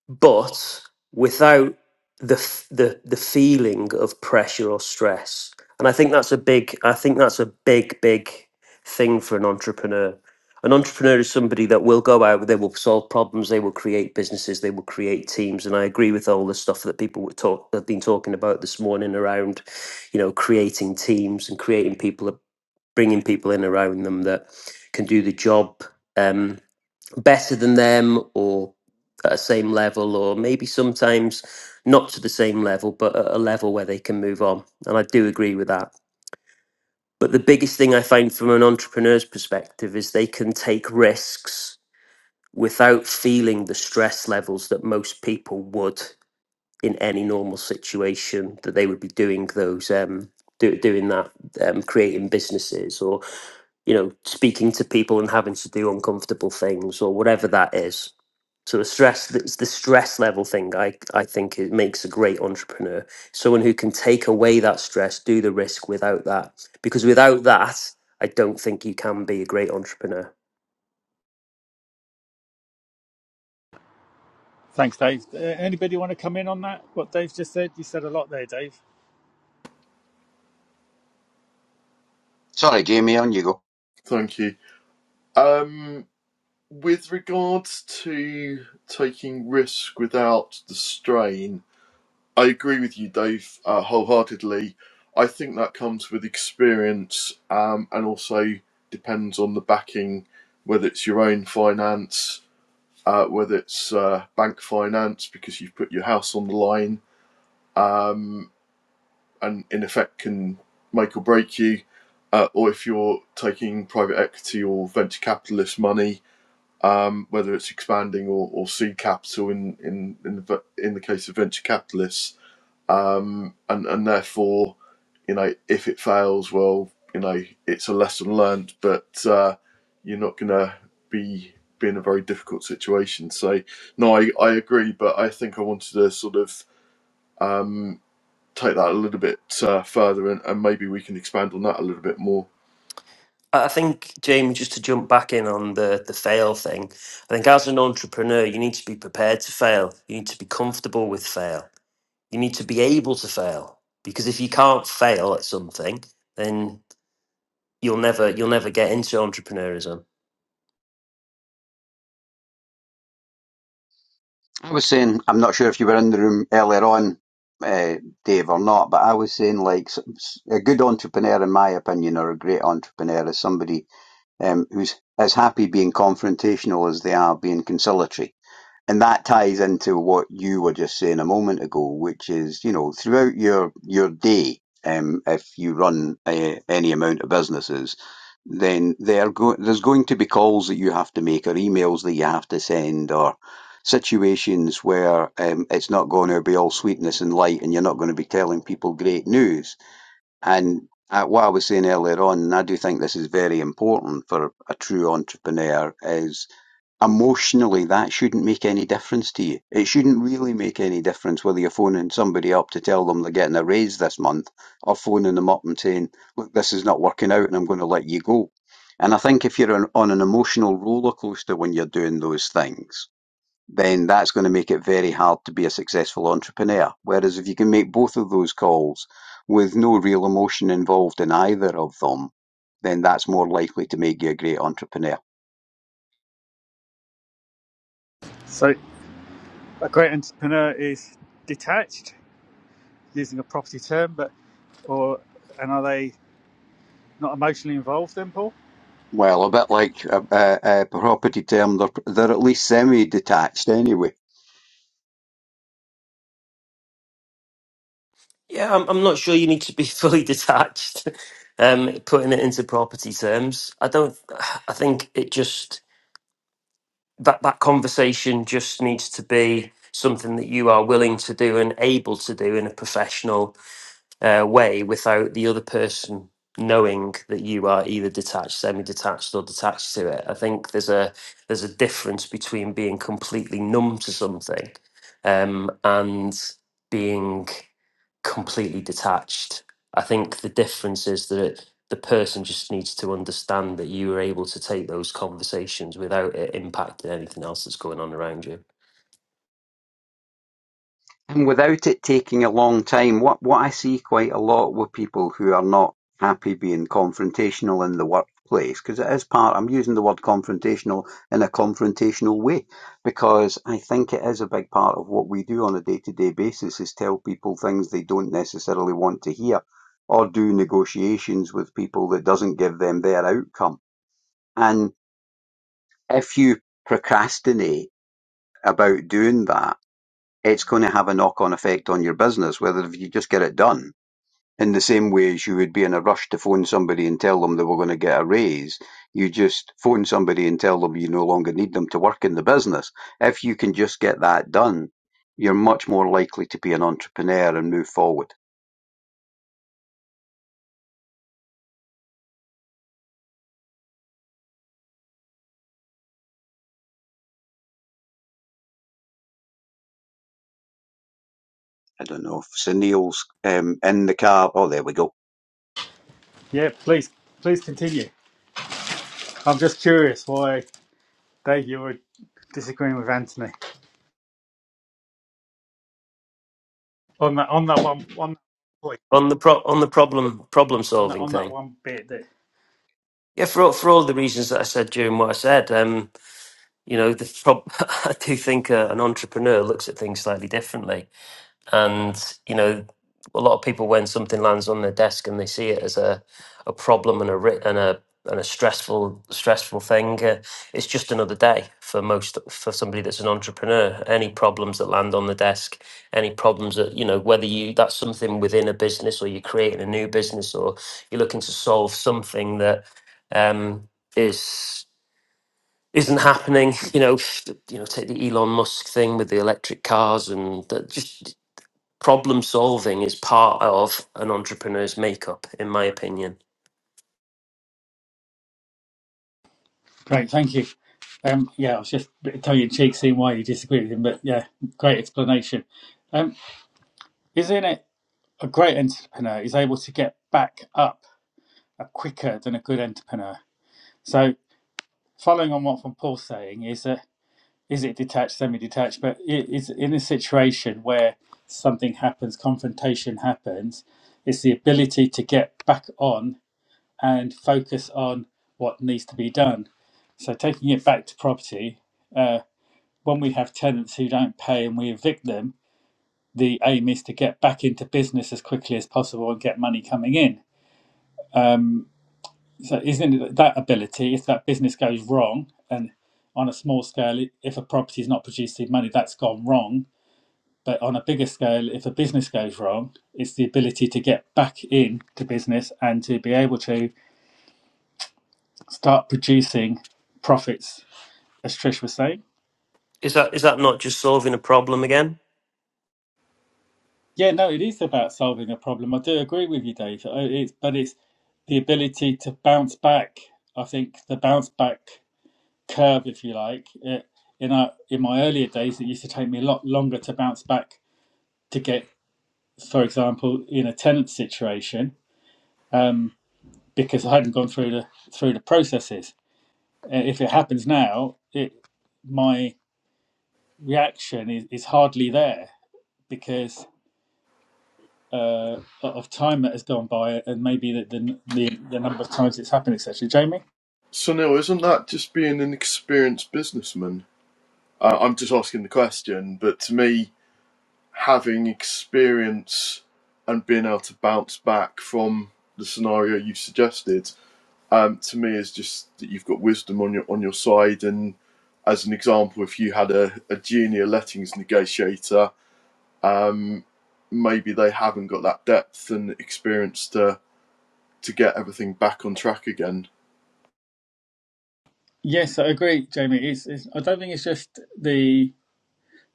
[SPEAKER 7] but without the f- the the feeling of pressure or stress and i think that's a big i think that's a big big thing for an entrepreneur an entrepreneur is somebody that will go out they will solve problems they will create businesses they will create teams and i agree with all the stuff that people were talk have been talking about this morning around you know creating teams and creating people bringing people in around them that can do the job Um, better than them or at a same level or maybe sometimes not to the same level but at a level where they can move on and i do agree with that but the biggest thing i find from an entrepreneur's perspective is they can take risks without feeling the stress levels that most people would in any normal situation that they would be doing those um do, doing that um, creating businesses or you know speaking to people and having to do uncomfortable things or whatever that is so the stress, it's the stress level thing. I I think it makes a great entrepreneur, someone who can take away that stress, do the risk without that. Because without that, I don't think you can be a great entrepreneur.
[SPEAKER 1] Thanks, Dave. Uh, anybody want to come in on that? What Dave just said? You said a lot there, Dave.
[SPEAKER 6] Sorry, Jamie, on you go.
[SPEAKER 5] Thank you. Um, with regards to taking risk without the strain, I agree with you, Dave, uh, wholeheartedly. I think that comes with experience um, and also depends on the backing, whether it's your own finance uh, whether it's uh, bank finance because you've put your house on the line um, and in effect can make or break you, uh, or if you're taking private equity or venture capitalist money, um, whether it's expanding or, or seed capital in in in the, in the case of venture capitalists um, and and therefore, you know, if it fails, well, you know, it's a lesson learned, but uh, you're not going to be be in a very difficult situation. So, no, I, I agree, but I think I wanted to sort of um, take that a little bit uh, further, and, and maybe we can expand on that a little bit more.
[SPEAKER 7] I I think Jamie, just to jump back in on the the fail thing, I think as an entrepreneur, you need to be prepared to fail. You need to be comfortable with fail. You need to be able to fail because if you can't fail at something, then you'll never you'll never get into entrepreneurism
[SPEAKER 6] I was saying, I'm not sure if you were in the room earlier on, uh, Dave, or not, but I was saying, like, s- s- a good entrepreneur, in my opinion, or a great entrepreneur is somebody um, who's as happy being confrontational as they are being conciliatory and that ties into what you were just saying a moment ago, which is, you know, throughout your your day, um, if you run uh, any amount of businesses, then there go- there's going to be calls that you have to make, or emails that you have to send, or situations where um, it's not going to be all sweetness and light, and you're not going to be telling people great news. And uh, what I was saying earlier on, and I do think this is very important for a true entrepreneur, is emotionally that shouldn't make any difference to you. It shouldn't really make any difference whether you're phoning somebody up to tell them they're getting a raise this month or phoning them up and saying, look, this is not working out and I'm going to let you go. And I think if you're on, on an emotional roller coaster when you're doing those things, then that's going to make it very hard to be a successful entrepreneur. Whereas if you can make both of those calls with no real emotion involved in either of them, then that's more likely to make you a great entrepreneur.
[SPEAKER 1] So, a great entrepreneur is detached, using a property term, but or and are they not emotionally involved? Then, Paul.
[SPEAKER 6] Well, a bit like a, a, a property term, they're, they're at least semi-detached anyway.
[SPEAKER 7] Yeah, I'm, I'm not sure you need to be fully detached. Um, putting it into property terms, I don't. I think it just that that conversation just needs to be something that you are willing to do and able to do in a professional uh, way without the other person knowing that you are either detached, semi-detached, or detached to it. I think there's a there's a difference between being completely numb to something um, and being completely detached. I think the difference is that the person just needs to understand that you were able to take those conversations without it impacting anything else that's going on around you.
[SPEAKER 6] And without it taking a long time, what, what I see quite a lot with people who are not happy being confrontational in the workplace, because it is part, I'm using the word confrontational in a confrontational way, because I think it is a big part of what we do on a day to day basis is tell people things they don't necessarily want to hear or do negotiations with people that doesn't give them their outcome. And if you procrastinate about doing that, it's going to have a knock-on effect on your business, whether if you just get it done. In the same way as you would be in a rush to phone somebody and tell them they were going to get a raise, you just phone somebody and tell them you no longer need them to work in the business. If you can just get that done, you're much more likely to be an entrepreneur and move forward. I don't know if Sunil's um, in the car. Oh, there we go.
[SPEAKER 1] Yeah, please, please continue. I'm just curious why, Dave, you were disagreeing with Anthony on that on that one one point
[SPEAKER 7] On the pro- on the problem problem
[SPEAKER 1] on that
[SPEAKER 7] solving
[SPEAKER 1] on that
[SPEAKER 7] thing,
[SPEAKER 1] one bit that.
[SPEAKER 7] Yeah, for all, for all the reasons that I said during what I said, um, you know, the prob- I do think uh, an entrepreneur looks at things slightly differently and you know a lot of people when something lands on their desk and they see it as a, a problem and a ri- and a and a stressful stressful thing uh, it's just another day for most for somebody that's an entrepreneur any problems that land on the desk any problems that you know whether you that's something within a business or you're creating a new business or you're looking to solve something that um is isn't happening you know you know take the Elon Musk thing with the electric cars and that just problem solving is part of an entrepreneur's makeup, in my opinion.
[SPEAKER 1] Great, thank you. Um, yeah, I was just a bit tongue in cheek seeing why you disagree with him, but yeah, great explanation. Um, isn't it a great entrepreneur is able to get back up uh, quicker than a good entrepreneur? So, following on what from Paul's saying, is that is it detached, semi-detached? But it is in a situation where something happens, confrontation happens. It's the ability to get back on and focus on what needs to be done. So, taking it back to property. Uh, when we have tenants who don't pay and we evict them, the aim is to get back into business as quickly as possible and get money coming in. Um, so, isn't it that ability, if that business goes wrong, and on a small scale, if a property is not producing money, that's gone wrong. But on a bigger scale, if a business goes wrong, it's the ability to get back into business and to be able to start producing profits, as Trish was saying.
[SPEAKER 7] Is that is that not just solving a problem again?
[SPEAKER 1] Yeah, no, it is about solving a problem. I do agree with you, Dave. Uh, It's, but it's the ability to bounce back. I think the bounce back curve, if you like, uh, in our, in my earlier days, it used to take me a lot longer to bounce back to get, for example, in a tenant situation, um, because I hadn't gone through the through the processes. Uh, If it happens now, it my reaction is, is hardly there because uh, of time that has gone by and maybe the the, the, the number of times it's happened, etc. Jamie?
[SPEAKER 5] So, Neil, isn't that just being an experienced businessman? Uh, I'm just asking the question, but to me. having experience and being able to bounce back from the scenario you've suggested, um, to me is just that you've got wisdom on your on your side. And as an example, if you had a, a junior lettings negotiator, maybe they haven't got that depth and experience to to get everything back on track again.
[SPEAKER 1] Yes, I agree, Jamie. It's, it's, I don't think it's just the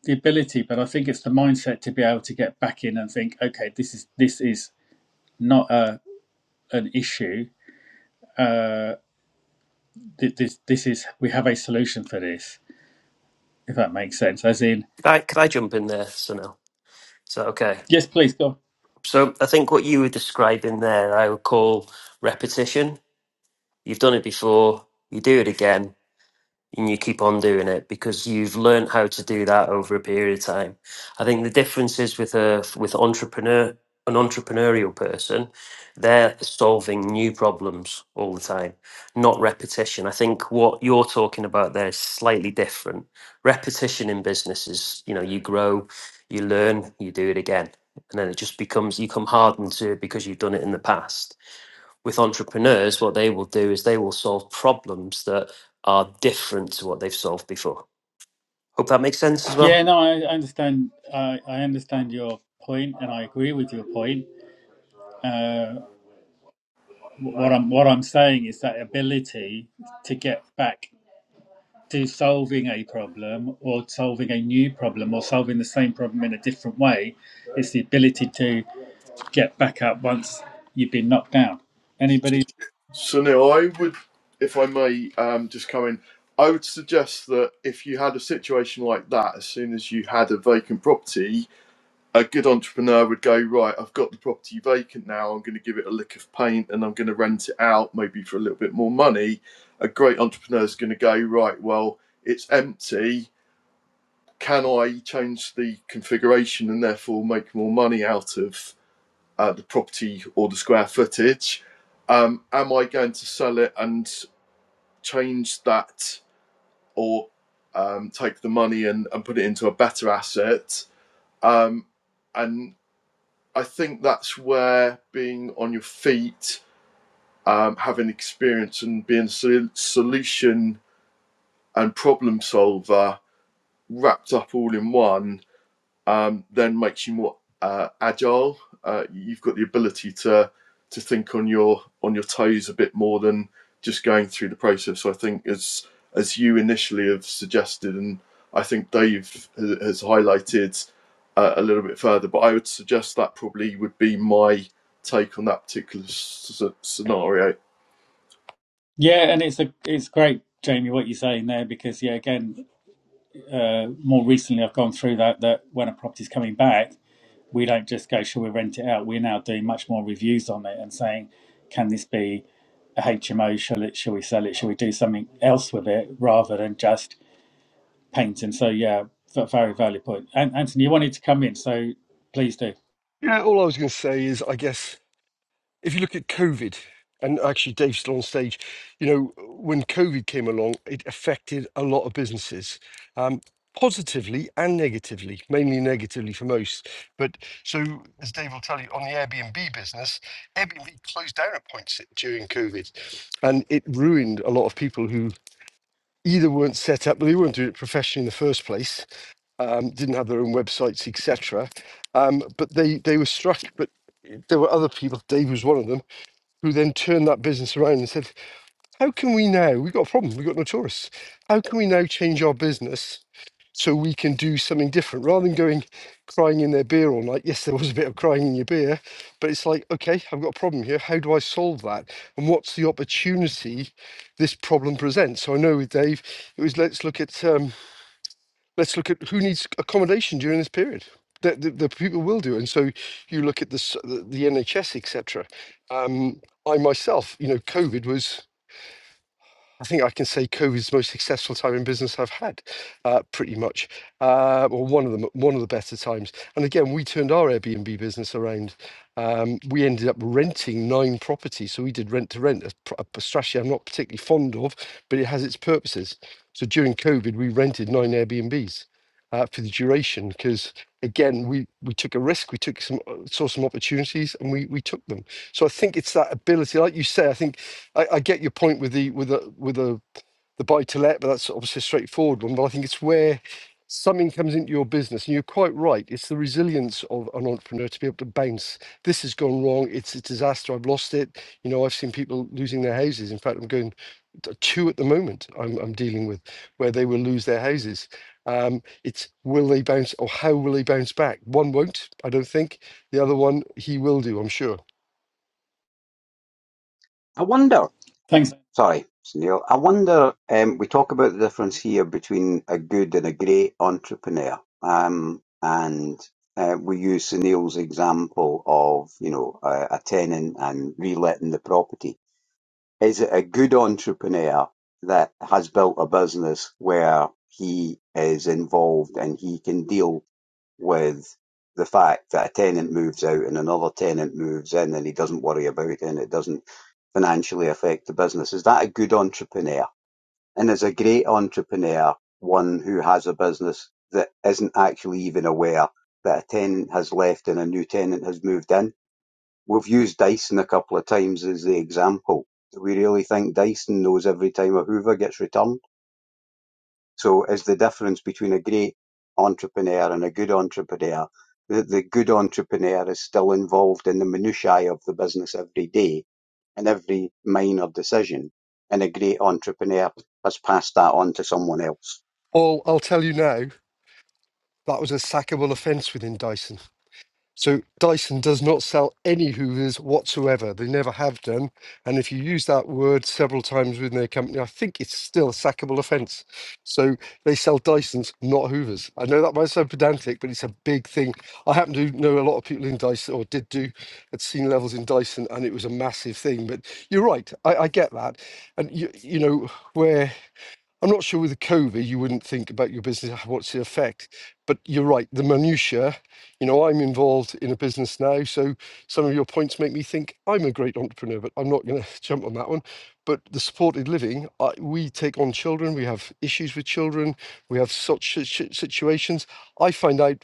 [SPEAKER 1] the ability, but I think it's the mindset to be able to get back in and think, okay, this is this is not a an issue. Uh, this this is we have a solution for this, if that makes sense. As in,
[SPEAKER 7] Could I could I jump in there, Sunil? So, okay?
[SPEAKER 1] yes, please go.
[SPEAKER 7] So I think what you were describing there, I would call repetition. You've done it before, you do it again, and you keep on doing it because you've learned how to do that over a period of time. I think the difference is with a with entrepreneur an entrepreneurial person, they're solving new problems all the time, not repetition. I think what you're talking about there is slightly different. Repetition in business is, you know, you grow, you learn, you do it again. And then it just becomes you come hardened to it because you've done it in the past with entrepreneurs, what they will do is they will solve problems that are different to what they've solved before. Hope that makes sense as well.
[SPEAKER 1] Yeah, no, I understand. I I understand your point, and I agree with your point. Uh, What I'm what I'm saying is that ability to get back to solving a problem or solving a new problem or solving the same problem in a different way is the ability to get back up once you've been knocked down. Anybody?
[SPEAKER 5] So now I would, if I may, um, just come in. I would suggest that if you had a situation like that, as soon as you had a vacant property, a good entrepreneur would go right i've got the property vacant now i'm going to give it a lick of paint and i'm going to rent it out maybe for a little bit more money a great entrepreneur is going to go right well it's empty can i change the configuration and therefore make more money out of uh, the property or the square footage um, am i going to sell it and change that or um, take the money and, and put it into a better asset um, and I think that's where being on your feet, um, having experience, and being a solution and problem solver wrapped up all in one um, then makes you more uh, agile. Uh, you've got the ability to to think on your on your toes a bit more than just going through the process. So I think as as you initially have suggested, and I think Dave has highlighted uh, a little bit further, but I would suggest that probably would be my take on that particular s- scenario.
[SPEAKER 1] Yeah, and it's a it's great, Jamie, what you're saying there because yeah, again, uh, more recently I've gone through that that when a property's coming back. we don't just go, shall we rent it out? We're now doing much more reviews on it and saying, can this be a HMO? Shall it? Shall we sell it? Shall we do something else with it rather than just painting? So yeah, v- very valid point. And Anthony, you wanted to come in, so please do.
[SPEAKER 3] Yeah, all I was going to say is, I guess if you look at COVID, and actually Dave's still on stage, you know, when COVID came along, it affected a lot of businesses, um, positively and negatively, mainly negatively for most. But so, as Dave will tell you, on the Airbnb business, Airbnb closed down at points during COVID, and it ruined a lot of people who either weren't set up, they weren't doing it professionally in the first place. Um, didn't have their own websites, etc. Um, but they they were struck. But there were other people. Dave was one of them who then turned that business around and said, How can we now? We've got a problem. We've got no tourists. How can we now change our business so we can do something different? Rather than going crying in their beer all night, yes, there was a bit of crying in your beer, but it's like, okay, I've got a problem here. How do I solve that? And what's the opportunity this problem presents? So I know with Dave, it was let's look at. Um, let's look at who needs accommodation during this period. The, the, the people will do, and so you look at the s- the, the NHS, etc. Um, I myself, you know, COVID was I think I can say COVID's most successful time in business I've had, uh, pretty much, uh, or one of them, one of the better times. And again, we turned our Airbnb business around. Um, we ended up renting nine properties, so we did rent to rent, a, pr- a strategy I'm not particularly fond of, but it has its purposes. So during COVID, we rented nine Airbnbs uh, for the duration because again, we we took a risk, we took some uh, saw some opportunities, and we we took them. So I think it's that ability, like you say, I think. I, I get your point with the with the with the the buy to let, but that's obviously a straightforward one. But I think it's where something comes into your business, and you're quite right. It's the resilience of an entrepreneur to be able to bounce. This has gone wrong. It's a disaster. I've lost it. You know, I've seen people losing their houses. In fact, I'm going t- two at the moment. I'm I'm dealing with where they will lose their houses. Um, it's will they bounce or how will they bounce back? One won't, I don't think. The other one, he will do, I'm sure.
[SPEAKER 6] I wonder.
[SPEAKER 1] Thanks.
[SPEAKER 6] Sorry, it's Neil. I wonder, um, we talk about the difference here between a good and a great entrepreneur. Um, and uh, we use Sunil's example of, you know, a, a tenant and reletting the property. Is it a good entrepreneur that has built a business where he is involved and he can deal with the fact that a tenant moves out and another tenant moves in and he doesn't worry about it and it doesn't financially affect the business. Is that a good entrepreneur? And is a great entrepreneur one who has a business that isn't actually even aware that a tenant has left and a new tenant has moved in? We've used Dyson a couple of times as the example. Do we really think Dyson knows every time a Hoover gets returned? So is the difference between a great entrepreneur and a good entrepreneur that the good entrepreneur is still involved in the minutiae of the business every day and every minor decision, and a great entrepreneur has passed that on to someone else.
[SPEAKER 3] Paul, I'll tell you now. That was a sackable offence within Dyson. So Dyson does not sell any Hoovers whatsoever. They never have done. And if you use that word several times within their company, I think it's still a sackable offence. So they sell Dysons, not Hoovers. I know that might sound pedantic, but it's a big thing. I happen to know a lot of people in Dyson, or did do at senior levels in Dyson, and it was a massive thing. But you're right, I, I get that. And you, you know where I'm not sure with the COVID, you wouldn't think about your business, "Ah, what's the effect? But you're right, the minutiae, you know, I'm involved in a business now. So some of your points make me think I'm a great entrepreneur, but I'm not going to jump on that one. But the supported living, I, we take on children, we have issues with children, we have such si- si- situations. I find out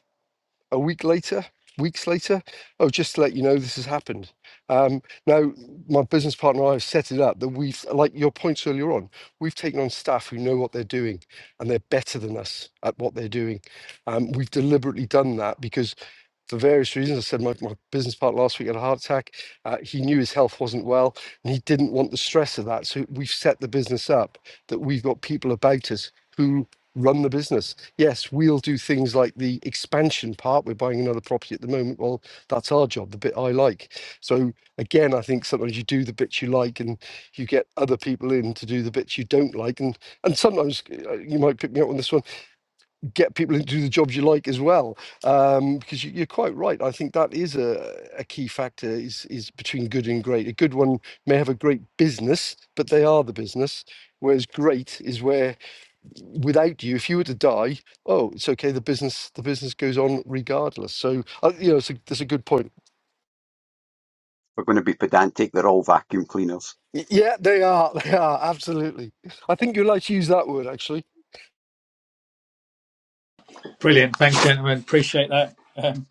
[SPEAKER 3] a week later, weeks later, oh, just to let you know, this has happened. Um, now, my business partner and I have set it up that we've, like your points earlier on, we've taken on staff who know what they're doing and they're better than us at what they're doing. Um, we've deliberately done that because for various reasons. I said my, my business partner last week had a heart attack. Uh, he knew his health wasn't well and he didn't want the stress of that. So we've set the business up that we've got people about us who run the business. Yes, we'll do things like the expansion part. We're buying another property at the moment. Well, that's our job, the bit I like. So again, I think sometimes you do the bits you like and you get other people in to do the bits you don't like. And and sometimes uh, you might pick me up on this one get people to do the jobs you like as well. Um, because you, you're quite right. I think that is a, a key factor is is between good and great. A good one may have a great business, but they are the business. Whereas great is where without you, if you were to die, oh, it's okay. The business the business goes on regardless. So uh, you know, it's a, that's a good point.
[SPEAKER 6] We're going to be pedantic, they're all vacuum cleaners.
[SPEAKER 3] Y- Yeah, they are. They are absolutely. I think you like to use that word actually.
[SPEAKER 1] Brilliant. Thanks, gentlemen. Appreciate that. Um,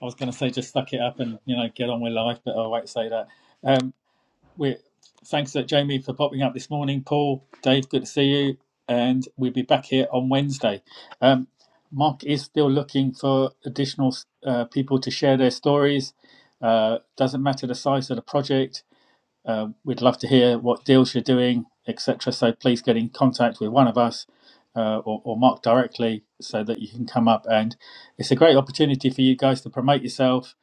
[SPEAKER 1] I was going to say just suck it up and you know get on with life, but I won't say that. we thanks uh, Jamie for popping up this morning. Paul, Dave, good to see you, and we'll be back here on Wednesday. Um, Mark is still looking for additional uh, people to share their stories. Uh, doesn't matter the size of the project. Uh, we'd love to hear what deals you're doing, etc. So please get in contact with one of us uh, or, or Mark directly so that you can come up. And it's a great opportunity for you guys to promote yourself.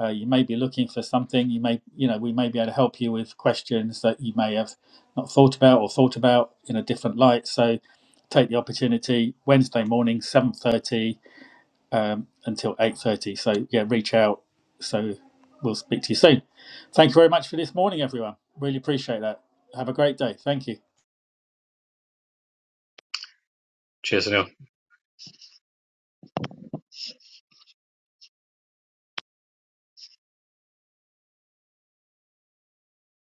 [SPEAKER 1] Uh, you may be looking for something. You may, you know, we may be able to help you with questions that you may have not thought about or thought about in a different light. So take the opportunity Wednesday morning, 7:30 um, until 8.30. So, yeah, reach out. So we'll speak to you soon. Thank you very much for this morning, everyone. Really appreciate that. Have a great day. Thank you.
[SPEAKER 2] Cheers, Anil.